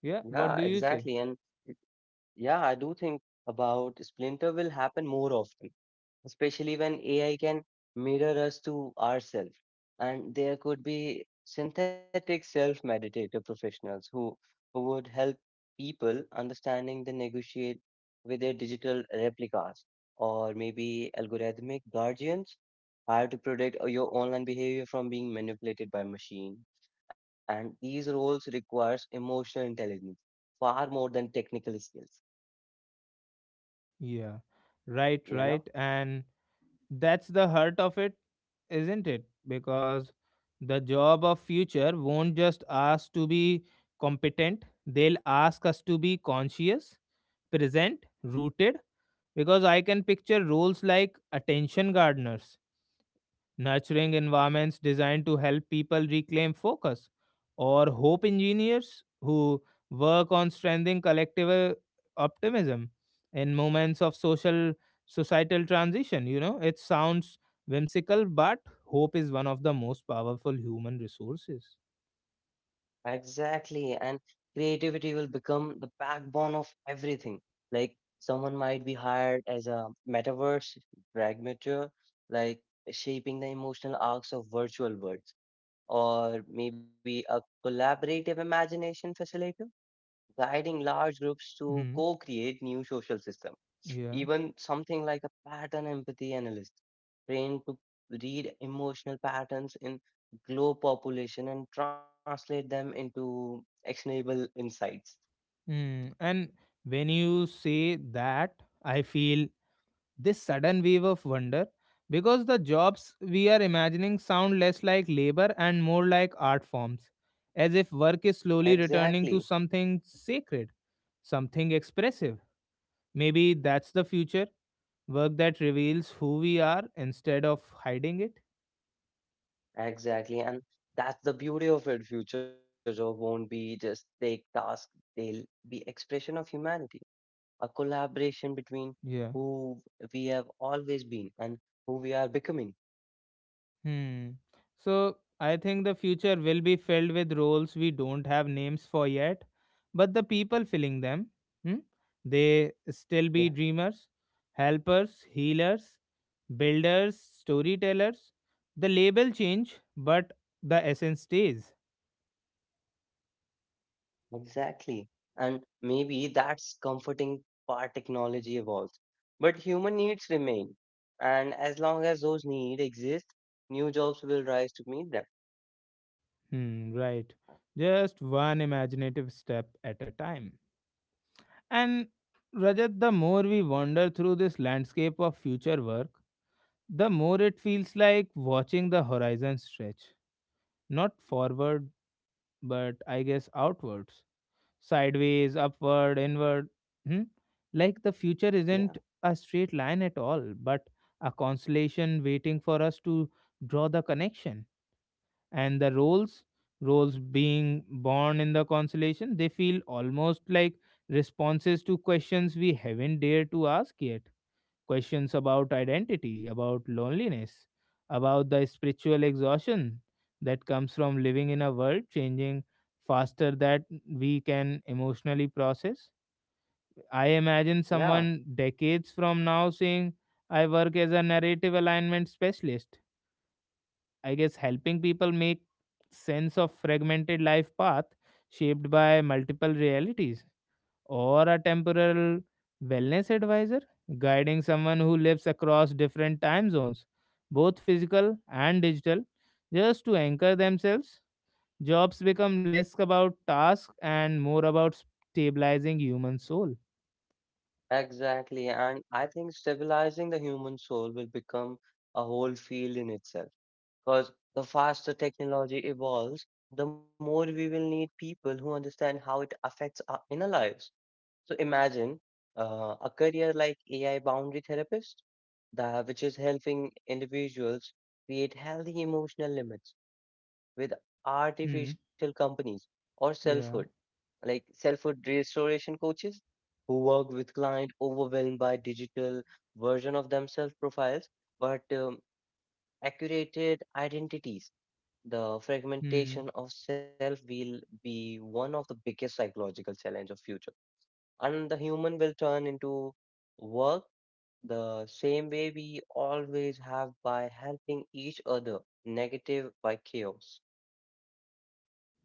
[SPEAKER 1] Yeah, what do you
[SPEAKER 2] exactly.
[SPEAKER 1] say?
[SPEAKER 2] And yeah, I do think about Splinter will happen more often especially when AI can mirror us to ourselves. And there could be synthetic self-meditator professionals who would help people understanding the negotiate with their digital replicas, or maybe algorithmic guardians hired to protect your online behavior from being manipulated by machine, and these roles requires emotional intelligence far more than technical skills,
[SPEAKER 1] Yeah, right, right.
[SPEAKER 2] you know.
[SPEAKER 1] And that's the heart of it, isn't it? Because the job of future won't just ask to be competent, they'll ask us to be conscious, present, rooted. Because I can picture roles like attention gardeners nurturing environments designed to help people reclaim focus, or hope engineers who work on strengthening collective optimism in moments of social societal transition. You know, it sounds whimsical, but hope is one of the most powerful human resources.
[SPEAKER 2] Exactly. And creativity will become the backbone of everything. Like, someone might be hired as a metaverse pragmateur, like shaping the emotional arcs of virtual worlds, or maybe a collaborative imagination facilitator, guiding large groups to
[SPEAKER 1] Hmm.
[SPEAKER 2] co-create new social systems.
[SPEAKER 1] Yeah.
[SPEAKER 2] Even something like a pattern empathy analyst, trained to read emotional patterns in globe population and translate them into actionable insights.
[SPEAKER 1] Hmm. And when you say that, I feel this sudden wave of wonder because the jobs we are imagining sound less like labor and more like art forms, as if work is slowly
[SPEAKER 2] Exactly,
[SPEAKER 1] returning to something sacred, something expressive. Maybe that's the future, work that reveals who we are instead of hiding it.
[SPEAKER 2] exactly. And that's the beauty of it. Future job won't be just take tasks, they'll be expression of humanity, a collaboration between
[SPEAKER 1] Yeah.
[SPEAKER 2] who we have always been and who we are becoming.
[SPEAKER 1] Hmm. So I think the future will be filled with roles we don't have names for yet, but the people filling them, hmm, they still
[SPEAKER 2] Yeah.
[SPEAKER 1] be dreamers, helpers, healers, builders, storytellers. The label change, but the essence stays.
[SPEAKER 2] Exactly. And maybe that's comforting part technology evolves. But human needs remain. And as long as those needs exist, new jobs will rise to meet them.
[SPEAKER 1] Hmm, right. Just one imaginative step at a time. And Rajat, the more we wander through this landscape of future work, the more it feels like watching the horizon stretch, not forward, but I guess outwards, sideways, upward, inward. Hmm? Like the future
[SPEAKER 2] Yeah,
[SPEAKER 1] isn't a straight line at all, but a constellation waiting for us to draw the connection. And the roles, roles being born in the constellation, they feel almost like responses to questions we haven't dared to ask yet, questions about identity, about loneliness, about the spiritual exhaustion that comes from living in a world changing faster that we can emotionally process. I imagine
[SPEAKER 2] yeah,
[SPEAKER 1] someone decades from now saying, I work as a narrative alignment specialist. I guess helping people make sense of fragmented life path shaped by multiple realities, or a temporal wellness advisor, guiding someone who lives across different time zones, both physical and digital, just to anchor themselves. Jobs become less about tasks and more about stabilizing human soul.
[SPEAKER 2] exactly. And I think stabilizing the human soul will become a whole field in itself. Because the faster technology evolves, the more we will need people who understand how it affects our inner lives. So imagine a career like AI boundary therapist, that which is helping individuals create healthy emotional limits with
[SPEAKER 1] Hmm.
[SPEAKER 2] artificial companies or selfhood,
[SPEAKER 1] Yeah.
[SPEAKER 2] like selfhood restoration coaches who work with clients overwhelmed by digital version of themselves profiles, but accurated identities. The
[SPEAKER 1] Hmm.
[SPEAKER 2] fragmentation of self will be one of the biggest psychological challenge of future and the human will turn into work the same way we always have by helping each other, negative by chaos.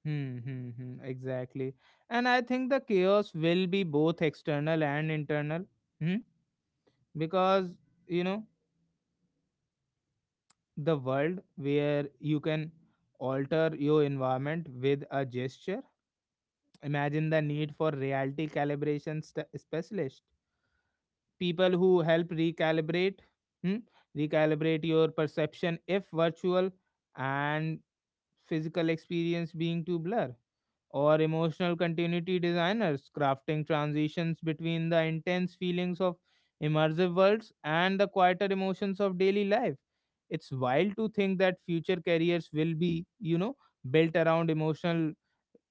[SPEAKER 1] Hmm, hmm, hmm, exactly. And I think the chaos will be both external and internal. Hmm. Because, you know, the world where you can alter your environment with a gesture, imagine the need for reality calibration specialist, people who help recalibrate, hmm, recalibrate your perception if virtual and physical experience being to blur, or emotional continuity designers crafting transitions between the intense feelings of immersive worlds and the quieter emotions of daily life. It's wild to think that future careers will be, you know, built around emotional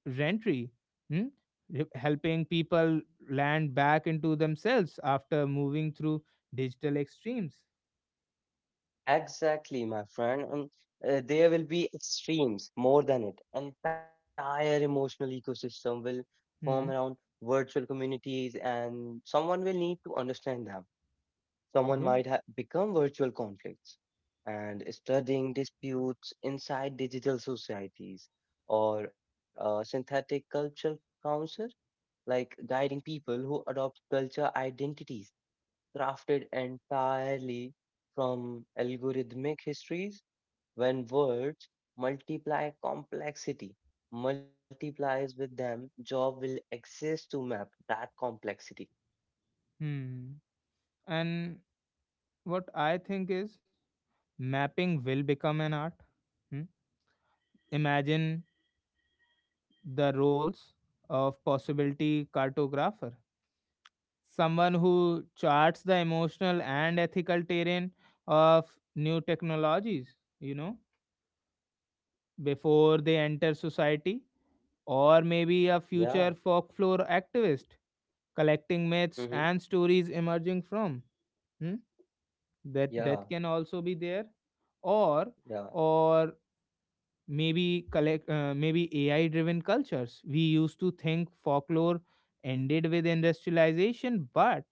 [SPEAKER 1] rentry. Hmm? Helping people land back into themselves after moving through digital extremes.
[SPEAKER 2] Exactly, my friend. And there will be extremes more than it. Entire emotional ecosystem will form around
[SPEAKER 1] Hmm.
[SPEAKER 2] virtual communities, and someone will need to understand them. Someone might
[SPEAKER 1] Yeah.
[SPEAKER 2] become virtual conflicts and studying disputes inside digital societies, or a synthetic cultural council, like guiding people who adopt culture identities crafted entirely from algorithmic histories. When words multiply complexity multiplies with them job will exist to map that complexity.
[SPEAKER 1] Hmm. And what I think is mapping will become an art. Hmm? Imagine the roles of possibility cartographer, someone who charts the emotional and ethical terrain of new technologies, you know, before they enter society, or maybe a
[SPEAKER 2] yeah
[SPEAKER 1] future folklore activist collecting
[SPEAKER 2] hmm
[SPEAKER 1] myths and stories emerging from. Hmm? that
[SPEAKER 2] yeah
[SPEAKER 1] that can also be there. or
[SPEAKER 2] yeah
[SPEAKER 1] or maybe collect maybe ai driven cultures, we used to think folklore ended with industrialization, but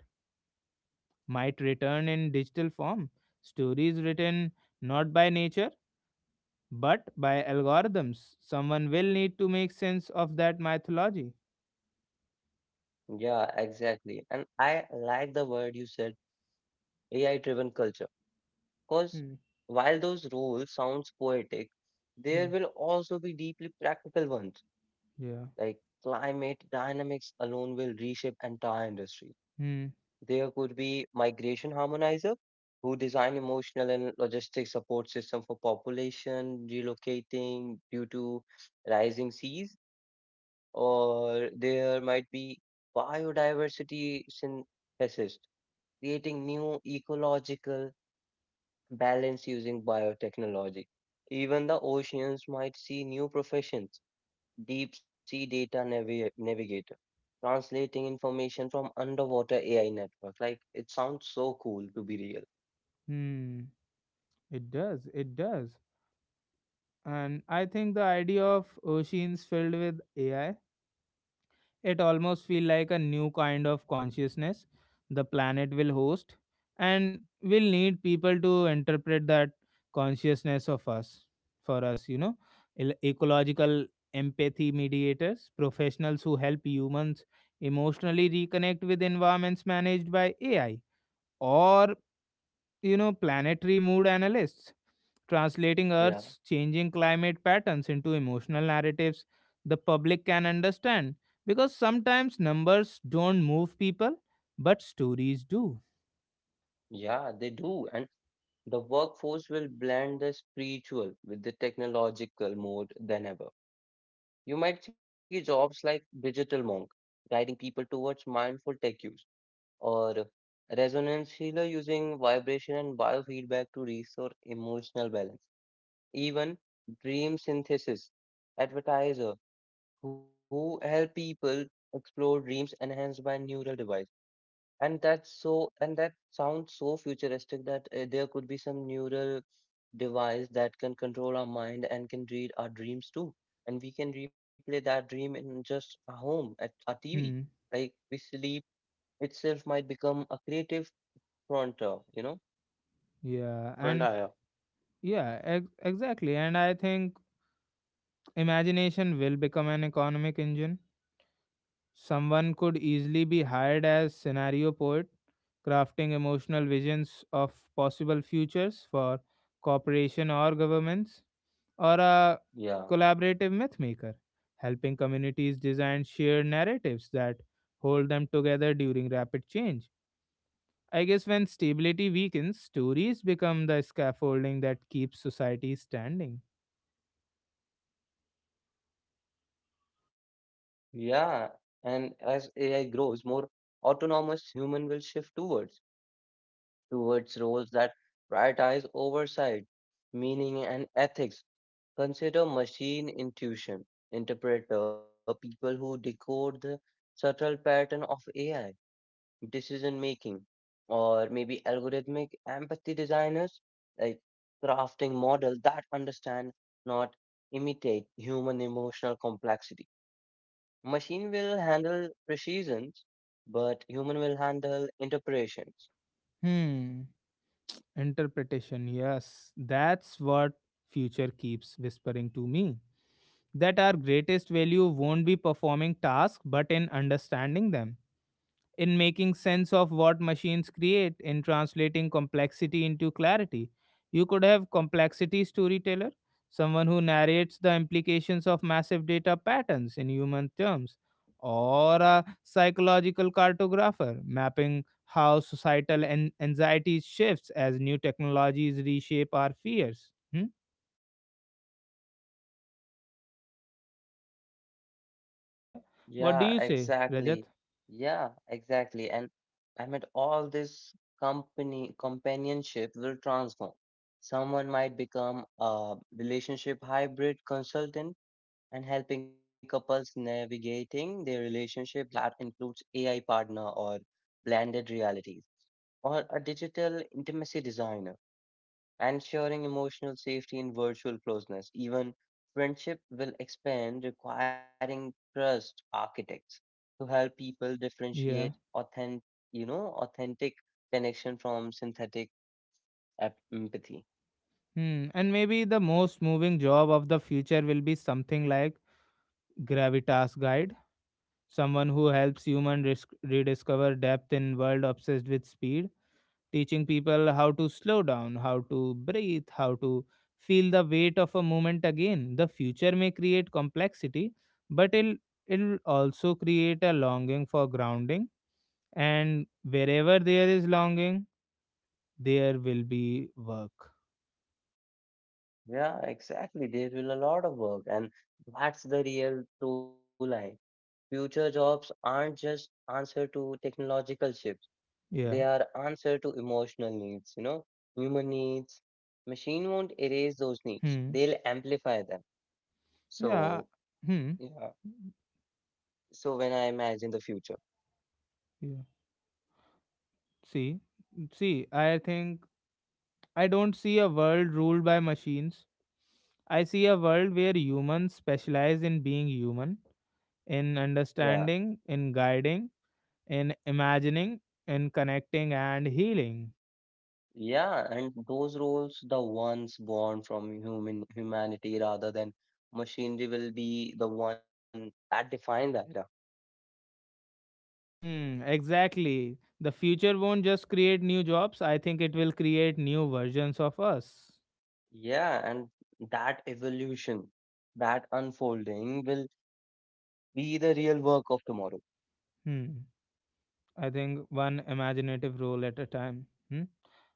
[SPEAKER 1] might return in digital form, stories written not by nature but by algorithms. Someone will need to make sense of that mythology.
[SPEAKER 2] Yeah, exactly. And I like the word you said, AI-driven culture, because
[SPEAKER 1] Hmm.
[SPEAKER 2] while those rules sounds poetic,
[SPEAKER 1] Hmm.
[SPEAKER 2] there will also be deeply practical ones. Like
[SPEAKER 1] Yeah.
[SPEAKER 2] climate dynamics alone will reshape entire industry.
[SPEAKER 1] Hmm.
[SPEAKER 2] There could be migration harmonizer who design emotional and logistic support system for population relocating due to rising seas, or there might be biodiversity synthesis, creating new ecological balance using biotechnology. Even the oceans might see new professions, deep sea data navi- navigator, translating information from underwater AI network. Like it sounds so cool to be real.
[SPEAKER 1] Hmm. It does, it does. And I think the idea of oceans filled with ai, it almost feel like a new kind of consciousness the planet will host, and we'll need people to interpret that consciousness of us for us. Ecological empathy mediators, professionals who help humans emotionally reconnect with environments managed by ai, or planetary mood analysts translating
[SPEAKER 2] Yeah,
[SPEAKER 1] Earth's changing climate patterns into emotional narratives the public can understand. Because sometimes numbers don't move people, but stories do.
[SPEAKER 2] yeah, they do. And the workforce will blend the spiritual with the technological mode than ever. You might see jobs like digital monk guiding people towards mindful tech use, or resonance healer using vibration and biofeedback to restore emotional balance. Even dream synthesis advertiser who help people explore dreams enhanced by neural devices. And that sounds so futuristic that there could be some neural device that can control our mind and can read our dreams too. And we can replay that dream in just our home at our TV.
[SPEAKER 1] Hmm.
[SPEAKER 2] Like we sleep itself might become a creative frontier, you know?
[SPEAKER 1] Yeah, and
[SPEAKER 2] Frontier.
[SPEAKER 1] yeah, exactly. And I think imagination will become an economic engine. Someone could easily be hired as scenario poet, crafting emotional visions of possible futures for corporation or governments, or a
[SPEAKER 2] Yeah,
[SPEAKER 1] collaborative mythmaker, helping communities design shared narratives that hold them together during rapid change. I guess when stability weakens, stories become the scaffolding that keeps society standing.
[SPEAKER 2] yeah. And as AI grows, more autonomous human will shift towards roles that prioritize oversight, meaning, and ethics. Consider machine intuition interpreter, people who decode the subtle pattern of AI, decision making, or maybe algorithmic empathy designers, like crafting models that understand, not imitate human emotional complexity. Machine will handle precisions, but human will handle interpretations.
[SPEAKER 1] Hmm. Interpretation, yes. That's what future keeps whispering to me. That our greatest value won't be performing tasks but in understanding them, in making sense of what machines create, in translating complexity into clarity. You could have complexity storyteller, someone who narrates the implications of massive data patterns in human terms, or a psychological cartographer mapping how societal anxiety shifts as new technologies reshape our fears. Hmm? Yeah. What do
[SPEAKER 2] Yeah,
[SPEAKER 1] you say, Rajat?
[SPEAKER 2] exactly. Yeah, exactly. And I mean, all this company companionship will transform. Someone might become a relationship hybrid consultant and helping couples navigating their relationship that includes AI partner or blended realities, or a digital intimacy designer ensuring emotional safety in virtual closeness. Even friendship will expand, requiring trust architects to help people differentiate
[SPEAKER 1] Yeah.
[SPEAKER 2] authentic, authentic connection from synthetic empathy.
[SPEAKER 1] Hmm. And maybe the most moving job of the future will be something like gravitas guide, someone who helps human rediscover depth in world obsessed with speed, teaching people how to slow down, how to breathe, how to feel the weight of a moment again. The future may create complexity, but it'll also create a longing for grounding, and wherever there is longing, there will be work.
[SPEAKER 2] Yeah, exactly. There will a lot of work, and that's the real true line. Future jobs aren't just answer to technological shifts. They
[SPEAKER 1] Yeah.
[SPEAKER 2] are answer to emotional needs, you know, human needs. Machine won't erase those needs.
[SPEAKER 1] Hmm.
[SPEAKER 2] They'll amplify them.
[SPEAKER 1] Yeah.
[SPEAKER 2] So,
[SPEAKER 1] Hmm.
[SPEAKER 2] yeah. So when I imagine the future,
[SPEAKER 1] Yeah. See see I think I don't see a world ruled by machines. I see a world where humans specialize in being human, in
[SPEAKER 2] yeah,
[SPEAKER 1] understanding, in guiding, in imagining, in connecting and healing.
[SPEAKER 2] yeah, and those roles, the ones born from human humanity rather than machinery, will be the one that define that. Era.
[SPEAKER 1] Hmm, exactly. The future won't just create new jobs, I think it will create new versions of us.
[SPEAKER 2] Yeah, and that evolution, that unfolding will be the real work of tomorrow.
[SPEAKER 1] Hmm. I think one imaginative role at a time. Hmm?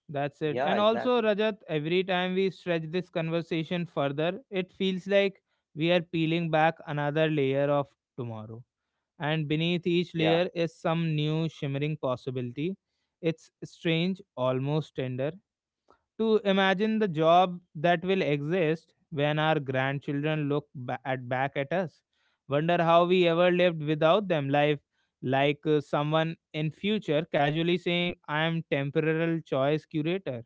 [SPEAKER 1] That's it.
[SPEAKER 2] Yeah,
[SPEAKER 1] And also,
[SPEAKER 2] exactly.
[SPEAKER 1] Rajat, every time we stretch this conversation further, it feels like we are peeling back another layer of tomorrow. And beneath
[SPEAKER 2] Yeah.
[SPEAKER 1] each layer is some new shimmering possibility. It's strange, almost tender, to imagine the job that will exist when our grandchildren look ba- at back at us, wonder how we ever lived without them life, like someone in future casually saying I am temporal choice curator,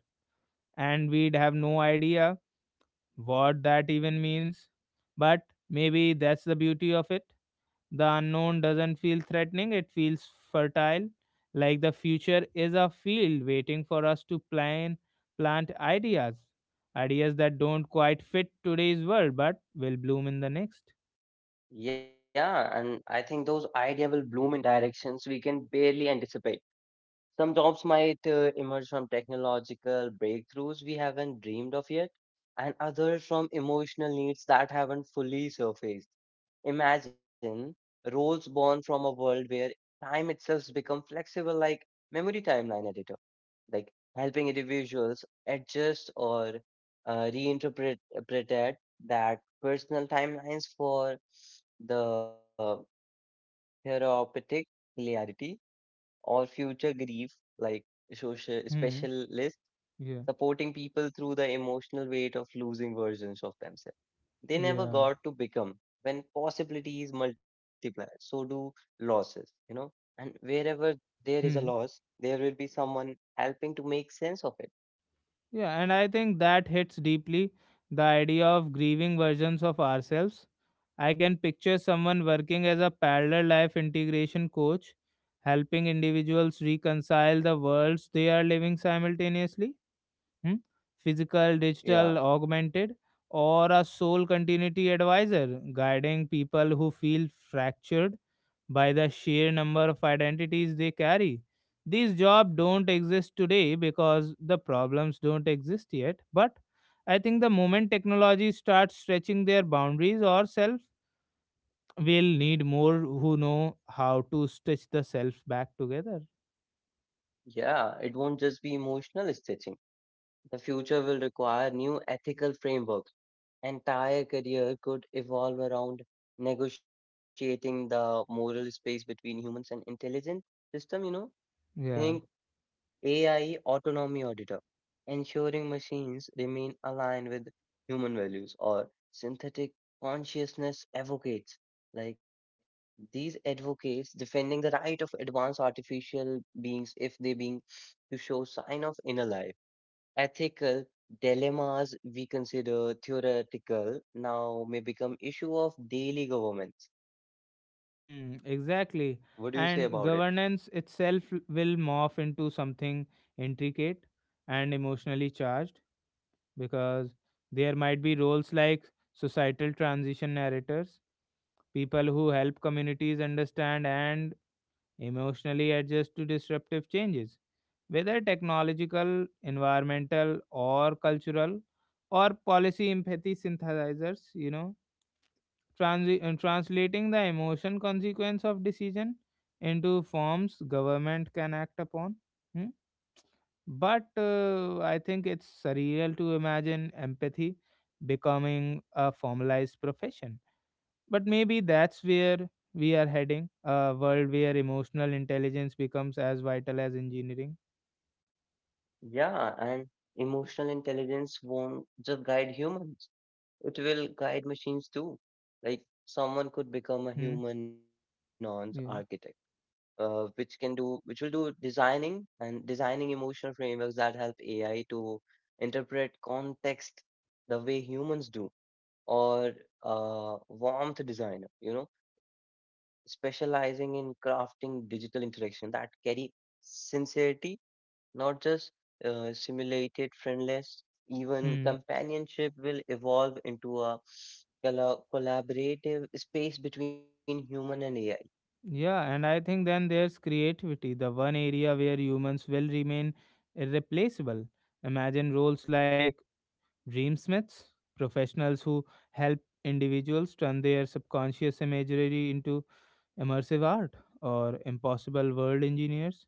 [SPEAKER 1] and we'd have no idea what that even means. But maybe that's the beauty of it. The unknown doesn't feel threatening, it feels fertile, like the future is a field waiting for us to plant ideas. Ideas that don't quite fit today's world but will bloom in the next.
[SPEAKER 2] Yeah, and I think those idea will bloom in directions we can barely anticipate. Some jobs might emerge from technological breakthroughs we haven't dreamed of yet, and others from emotional needs that haven't fully surfaced. Imagine roles born from a world where time itself become flexible, like memory timeline editor, like helping individuals adjust or reinterpret interpret that personal timelines for the therapeutic hilarity, or future grief, like social
[SPEAKER 1] Hmm.
[SPEAKER 2] specialists
[SPEAKER 1] Yeah.
[SPEAKER 2] supporting people through the emotional weight of losing versions of themselves. They never
[SPEAKER 1] Yeah.
[SPEAKER 2] got to become when possibilities multiply, so do losses, you know. And wherever there is a
[SPEAKER 1] Hmm.
[SPEAKER 2] loss, there will be someone helping to make sense of it.
[SPEAKER 1] Yeah, and I think that hits deeply, the idea of grieving versions of ourselves. I can picture someone working as a parallel life integration coach, helping individuals reconcile the worlds they are living simultaneously, hmm, physical,
[SPEAKER 2] Yeah,
[SPEAKER 1] digital, augmented, or a soul continuity advisor guiding people who feel fractured by the sheer number of identities they carry. These jobs don't exist today because the problems don't exist yet, but I think the moment technology starts stretching their boundaries, or self will need more who know how to stitch the self back together.
[SPEAKER 2] yeah, it won't just be emotional stitching. The future will require new ethical frameworks entire career could evolve around negotiating the moral space between humans and intelligent system, you know, think
[SPEAKER 1] Yeah.
[SPEAKER 2] AI autonomy auditor, ensuring machines remain aligned with human values or synthetic consciousness advocates. Like these advocates defending the right of advanced artificial beings if they being to show sign of inner life ethical dilemmas we consider theoretical now may become issue of daily governments.
[SPEAKER 1] Hmm,
[SPEAKER 2] What do you say
[SPEAKER 1] exactly.
[SPEAKER 2] about it?
[SPEAKER 1] And governance itself will morph into something intricate and emotionally charged, because there might be roles like societal transition narrators, people who help communities understand and emotionally adjust to disruptive changes, whether technological, environmental, or cultural, or policy empathy synthesizers, translating the emotion consequence of decision into forms government can act upon. Hmm? But I think it's surreal to imagine empathy becoming a formalized profession, but maybe that's where we are heading, a world where emotional intelligence becomes as vital as engineering.
[SPEAKER 2] Yeah, and emotional intelligence won't just guide humans. It will guide machines too. Like someone could become a
[SPEAKER 1] Hmm.
[SPEAKER 2] human nonce architect,
[SPEAKER 1] Yeah.
[SPEAKER 2] which will do designing and designing emotional frameworks that help AI to interpret context the way humans do, or a warmth designer, you know, specializing in crafting digital interaction that carry sincerity, not just simulated friendliness. Even
[SPEAKER 1] Hmm.
[SPEAKER 2] companionship will evolve into a collaborative space between human and AI.
[SPEAKER 1] Yeah, and I think then there's creativity, the one area where humans will remain irreplaceable. Imagine roles like dreamsmiths, professionals who help individuals turn their subconscious imagery into immersive art, or impossible world engineers,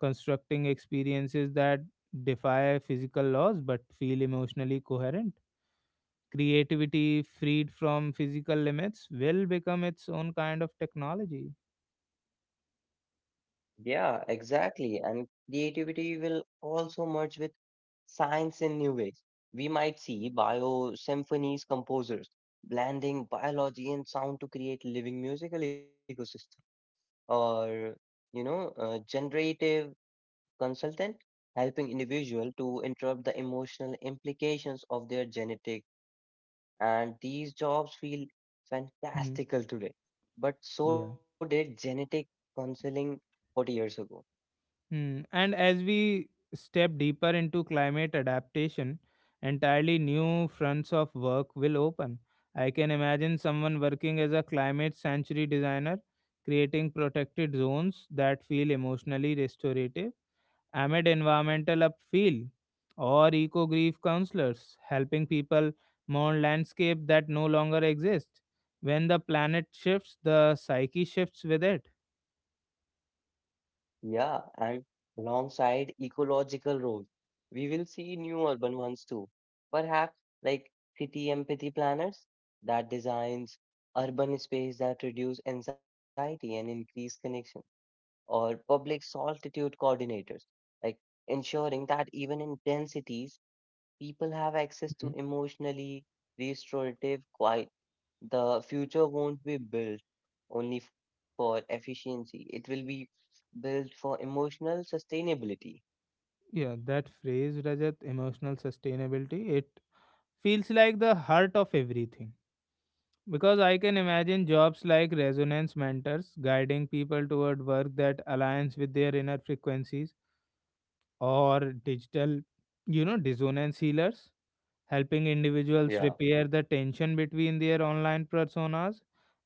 [SPEAKER 1] constructing experiences that defy physical laws but feel emotionally coherent. Creativity freed from physical limits will become its own kind of technology.
[SPEAKER 2] Yeah, exactly. And creativity will also merge with science in new ways. We might see bio symphonies composers blending biology and sound to create living musical ecosystem, or you know, a generative consultant helping individual to interpret the emotional implications of their genetic. And these jobs feel
[SPEAKER 1] Mhm.
[SPEAKER 2] fantastical today, but so
[SPEAKER 1] Yeah.
[SPEAKER 2] did genetic counseling 40 years ago.
[SPEAKER 1] Hmm. And as we step deeper into climate adaptation, entirely new fronts of work will open. I can imagine someone working as a climate sanctuary designer, creating protected zones that feel emotionally restorative amid environmental upheaval, or eco grief counselors helping people mourn landscape that no longer exist. When the planet shifts, the psyche shifts with it.
[SPEAKER 2] Yeah, and alongside ecological roles, we will see new urban ones too. Perhaps like city empathy planners that designs urban space that reduce anxiety and increase connection, or public solitude coordinators, like ensuring that even in densities people have access to emotionally restorative quiet, the future won't be built only for efficiency. It will be built for emotional sustainability.
[SPEAKER 1] Yeah, that phrase, Rajat, emotional sustainability, it feels like the heart of everything. Because I can imagine jobs like resonance mentors guiding people toward work that aligns with their inner frequencies, or digital, dissonance healers helping
[SPEAKER 2] Yeah,
[SPEAKER 1] individuals repair the tension between their online personas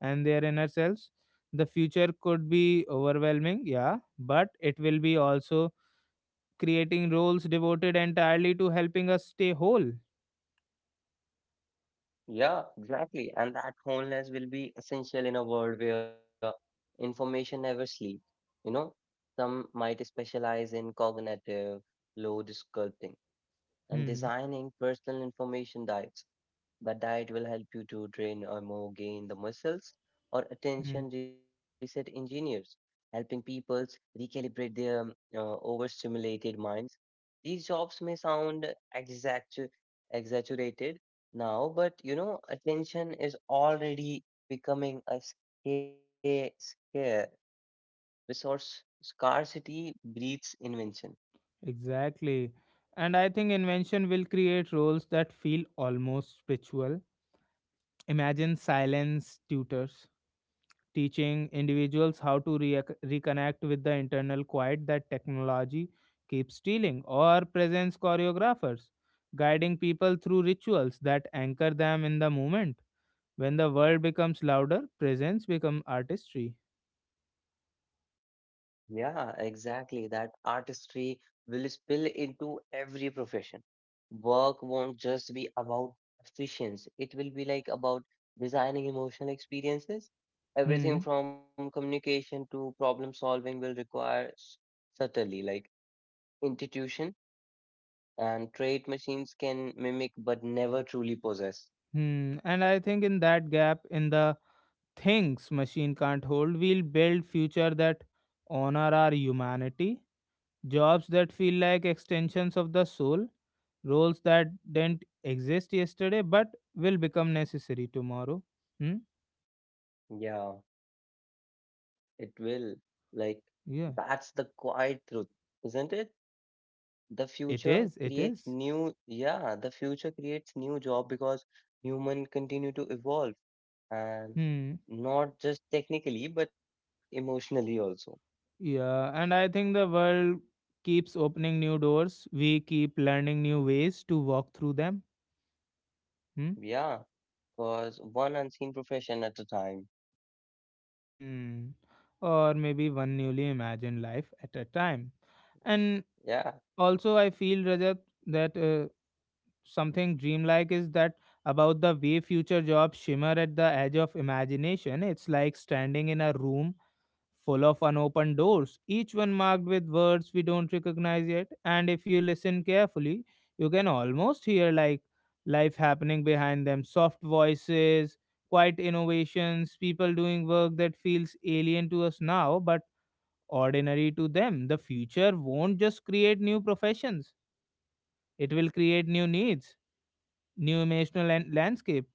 [SPEAKER 1] and their inner selves. The future could be overwhelming, yeah, but it will be also creating roles devoted entirely to helping us stay whole.
[SPEAKER 2] yeah, exactly. And that wholeness will be essential in a world where information never sleeps. You know, some might specialize in cognitive load sculpting and
[SPEAKER 1] Hmm.
[SPEAKER 2] designing personal information diets. But diet will help you to train or more gain the muscles or
[SPEAKER 1] Hmm.
[SPEAKER 2] attention reset engineers, helping people recalibrate their overstimulated minds. These jobs may sound exact exaggerated now, but you know, attention is already becoming a scare resource. Scarcity breeds invention.
[SPEAKER 1] Exactly. And I think invention will create roles that feel almost spiritual. Imagine silence tutors teaching individuals how to reconnect with the internal quiet that technology keeps stealing, or presence choreographers guiding people through rituals that anchor them in the moment. When the world becomes louder, presence becomes artistry.
[SPEAKER 2] Yeah, exactly. That artistry will spill into every profession. Work won't just be about efficiency, it will be like about designing emotional experiences. Everything
[SPEAKER 1] Hmm.
[SPEAKER 2] from communication to problem solving will require subtlety, like intuition and trait machines can mimic but never truly possess.
[SPEAKER 1] Hmm. And I think in that gap, in the things machine can't hold, we'll build future that honor our humanity, jobs that feel like extensions of the soul, roles that didn't exist yesterday but will become necessary tomorrow. Hmm.
[SPEAKER 2] Yeah, it will. Like,
[SPEAKER 1] Yeah.
[SPEAKER 2] that's the quiet truth, isn't it? The
[SPEAKER 1] It
[SPEAKER 2] future
[SPEAKER 1] is. It
[SPEAKER 2] creates
[SPEAKER 1] is.
[SPEAKER 2] new job because human continue to evolve and
[SPEAKER 1] Hmm.
[SPEAKER 2] not just technically but emotionally also
[SPEAKER 1] Yeah. And I think the world keeps opening new doors. We keep learning new ways to walk through them. Hmm.
[SPEAKER 2] yeah because one unseen profession at a time.
[SPEAKER 1] Hmm. Or maybe one newly imagined life at a time. And
[SPEAKER 2] yeah
[SPEAKER 1] also, I feel, Rajat, that something dreamlike is that about the way future jobs shimmer at the edge of imagination. It's like standing in a room full of unopened doors, each one marked with words we don't recognize yet. And if you listen carefully, you can almost hear like life happening behind them, soft voices, quiet innovations, people doing work that feels alien to us now, but ordinary to them. The future won't just create new professions, it will create new needs, new emotional landscapes,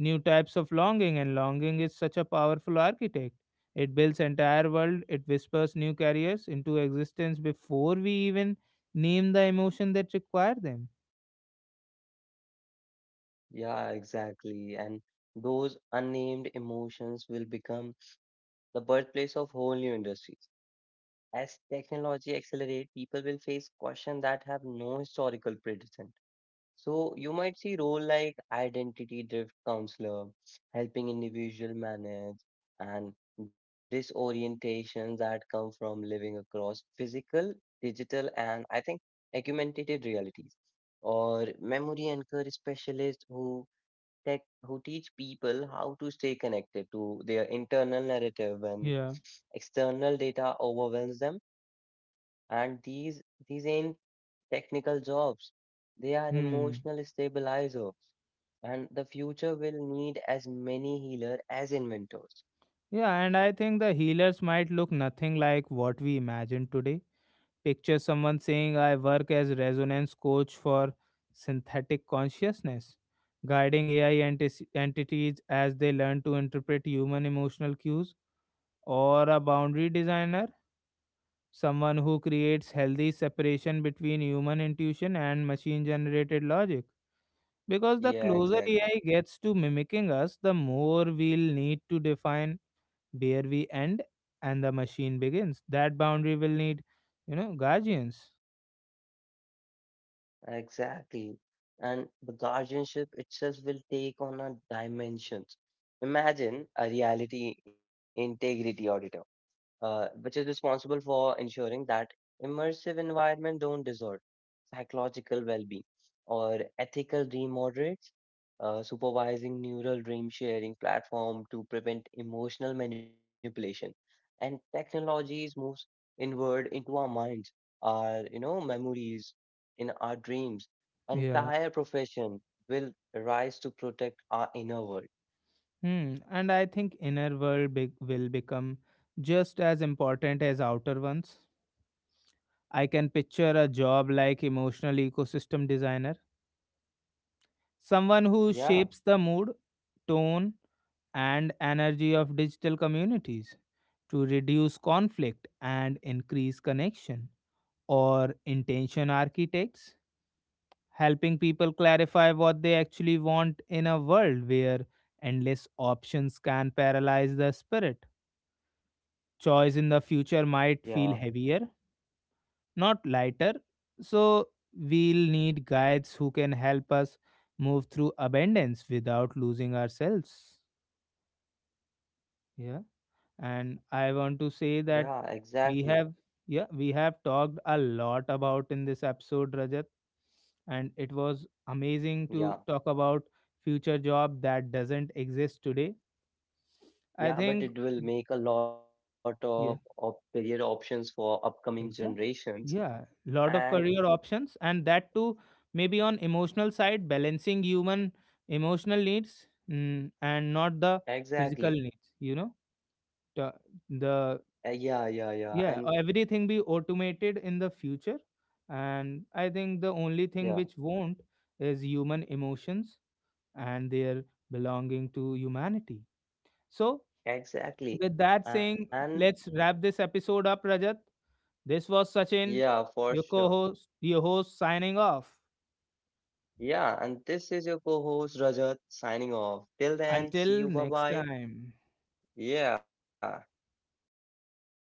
[SPEAKER 1] new types of longing, and longing is such a powerful architect. It builds entire world, it whispers new careers into existence before we even name the emotion that require them.
[SPEAKER 2] yeah exactly, and those unnamed emotions will become the birthplace of whole new industries as technology accelerates people will face questions that have no historical precedent. So you might see role like identity drift counselor, helping individual manage and disorientations that come from living across physical, digital, and I think augmented realities, or memory anchor specialists who who teach people how to stay connected to their internal narrative when
[SPEAKER 1] Yeah.
[SPEAKER 2] external data overwhelms them. And these ain't technical jobs. They are
[SPEAKER 1] Hmm.
[SPEAKER 2] emotional stabilizer, and the future will need as many healer as inventors.
[SPEAKER 1] Yeah, and I think the healers might look nothing like what we imagine today. Picture someone saying I work as resonance coach for synthetic consciousness, guiding ai entities as they learn to interpret human emotional cues, or a boundary designer, someone who creates healthy separation between human intuition and machine generated logic. Because the
[SPEAKER 2] Yeah,
[SPEAKER 1] closer
[SPEAKER 2] exactly.
[SPEAKER 1] AI gets to mimicking us, the more we'll need to define where we end and the machine begins. That boundary will need, guardians.
[SPEAKER 2] Exactly. And the guardianship itself will take on a dimensions. Imagine a reality integrity auditor, which is responsible for ensuring that immersive environment don't dissolve. Psychological well-being, or ethical dream moderates, supervising neural dream sharing platform to prevent emotional manipulation. And technologies moves inward into our minds, our you know memories, in our dreams.
[SPEAKER 1] Yeah.
[SPEAKER 2] Entire profession will rise to protect our inner world.
[SPEAKER 1] Hmm. And I think inner world will become just as important as outer ones. I can picture a job like emotional ecosystem designer, someone who
[SPEAKER 2] Yeah,
[SPEAKER 1] shapes the mood, tone, and energy of digital communities to reduce conflict and increase connection, or intention architects helping people clarify what they actually want in a world where endless options can paralyze the spirit. Choice in the future
[SPEAKER 2] yeah,
[SPEAKER 1] might feel heavier, not lighter, so we'll need guides who can help us move through abundance without losing ourselves. Yeah, and
[SPEAKER 2] yeah,
[SPEAKER 1] I want to say
[SPEAKER 2] exactly.
[SPEAKER 1] that we have yeah, we have talked a lot about in this episode, Rajat, and it was
[SPEAKER 2] Yeah,
[SPEAKER 1] amazing to talk about future job that doesn't exist today.
[SPEAKER 2] yeah, but
[SPEAKER 1] I
[SPEAKER 2] it
[SPEAKER 1] think
[SPEAKER 2] will make a lot of career
[SPEAKER 1] yeah,
[SPEAKER 2] options for upcoming generations.
[SPEAKER 1] exactly.
[SPEAKER 2] And
[SPEAKER 1] Yeah, lot of career options, and that too maybe on emotional side, balancing human emotional needs, mm, and not the
[SPEAKER 2] exactly.
[SPEAKER 1] physical needs. the,
[SPEAKER 2] Yeah, yeah,
[SPEAKER 1] the
[SPEAKER 2] yeah, and
[SPEAKER 1] Yeah, everything be automated in the future, and I
[SPEAKER 2] yeah,
[SPEAKER 1] think the only thing which won't is human emotions and their belonging to humanity. So
[SPEAKER 2] exactly,
[SPEAKER 1] with that
[SPEAKER 2] and
[SPEAKER 1] saying, let's wrap this episode up, Rajat. This was
[SPEAKER 2] yeah,
[SPEAKER 1] Sachin,
[SPEAKER 2] for sure,
[SPEAKER 1] your co-host your host signing off
[SPEAKER 2] yeah. And this is your co-host Rajat signing off. Till then, see
[SPEAKER 1] until
[SPEAKER 2] you. Bye
[SPEAKER 1] next
[SPEAKER 2] bye.
[SPEAKER 1] time.
[SPEAKER 2] Yeah.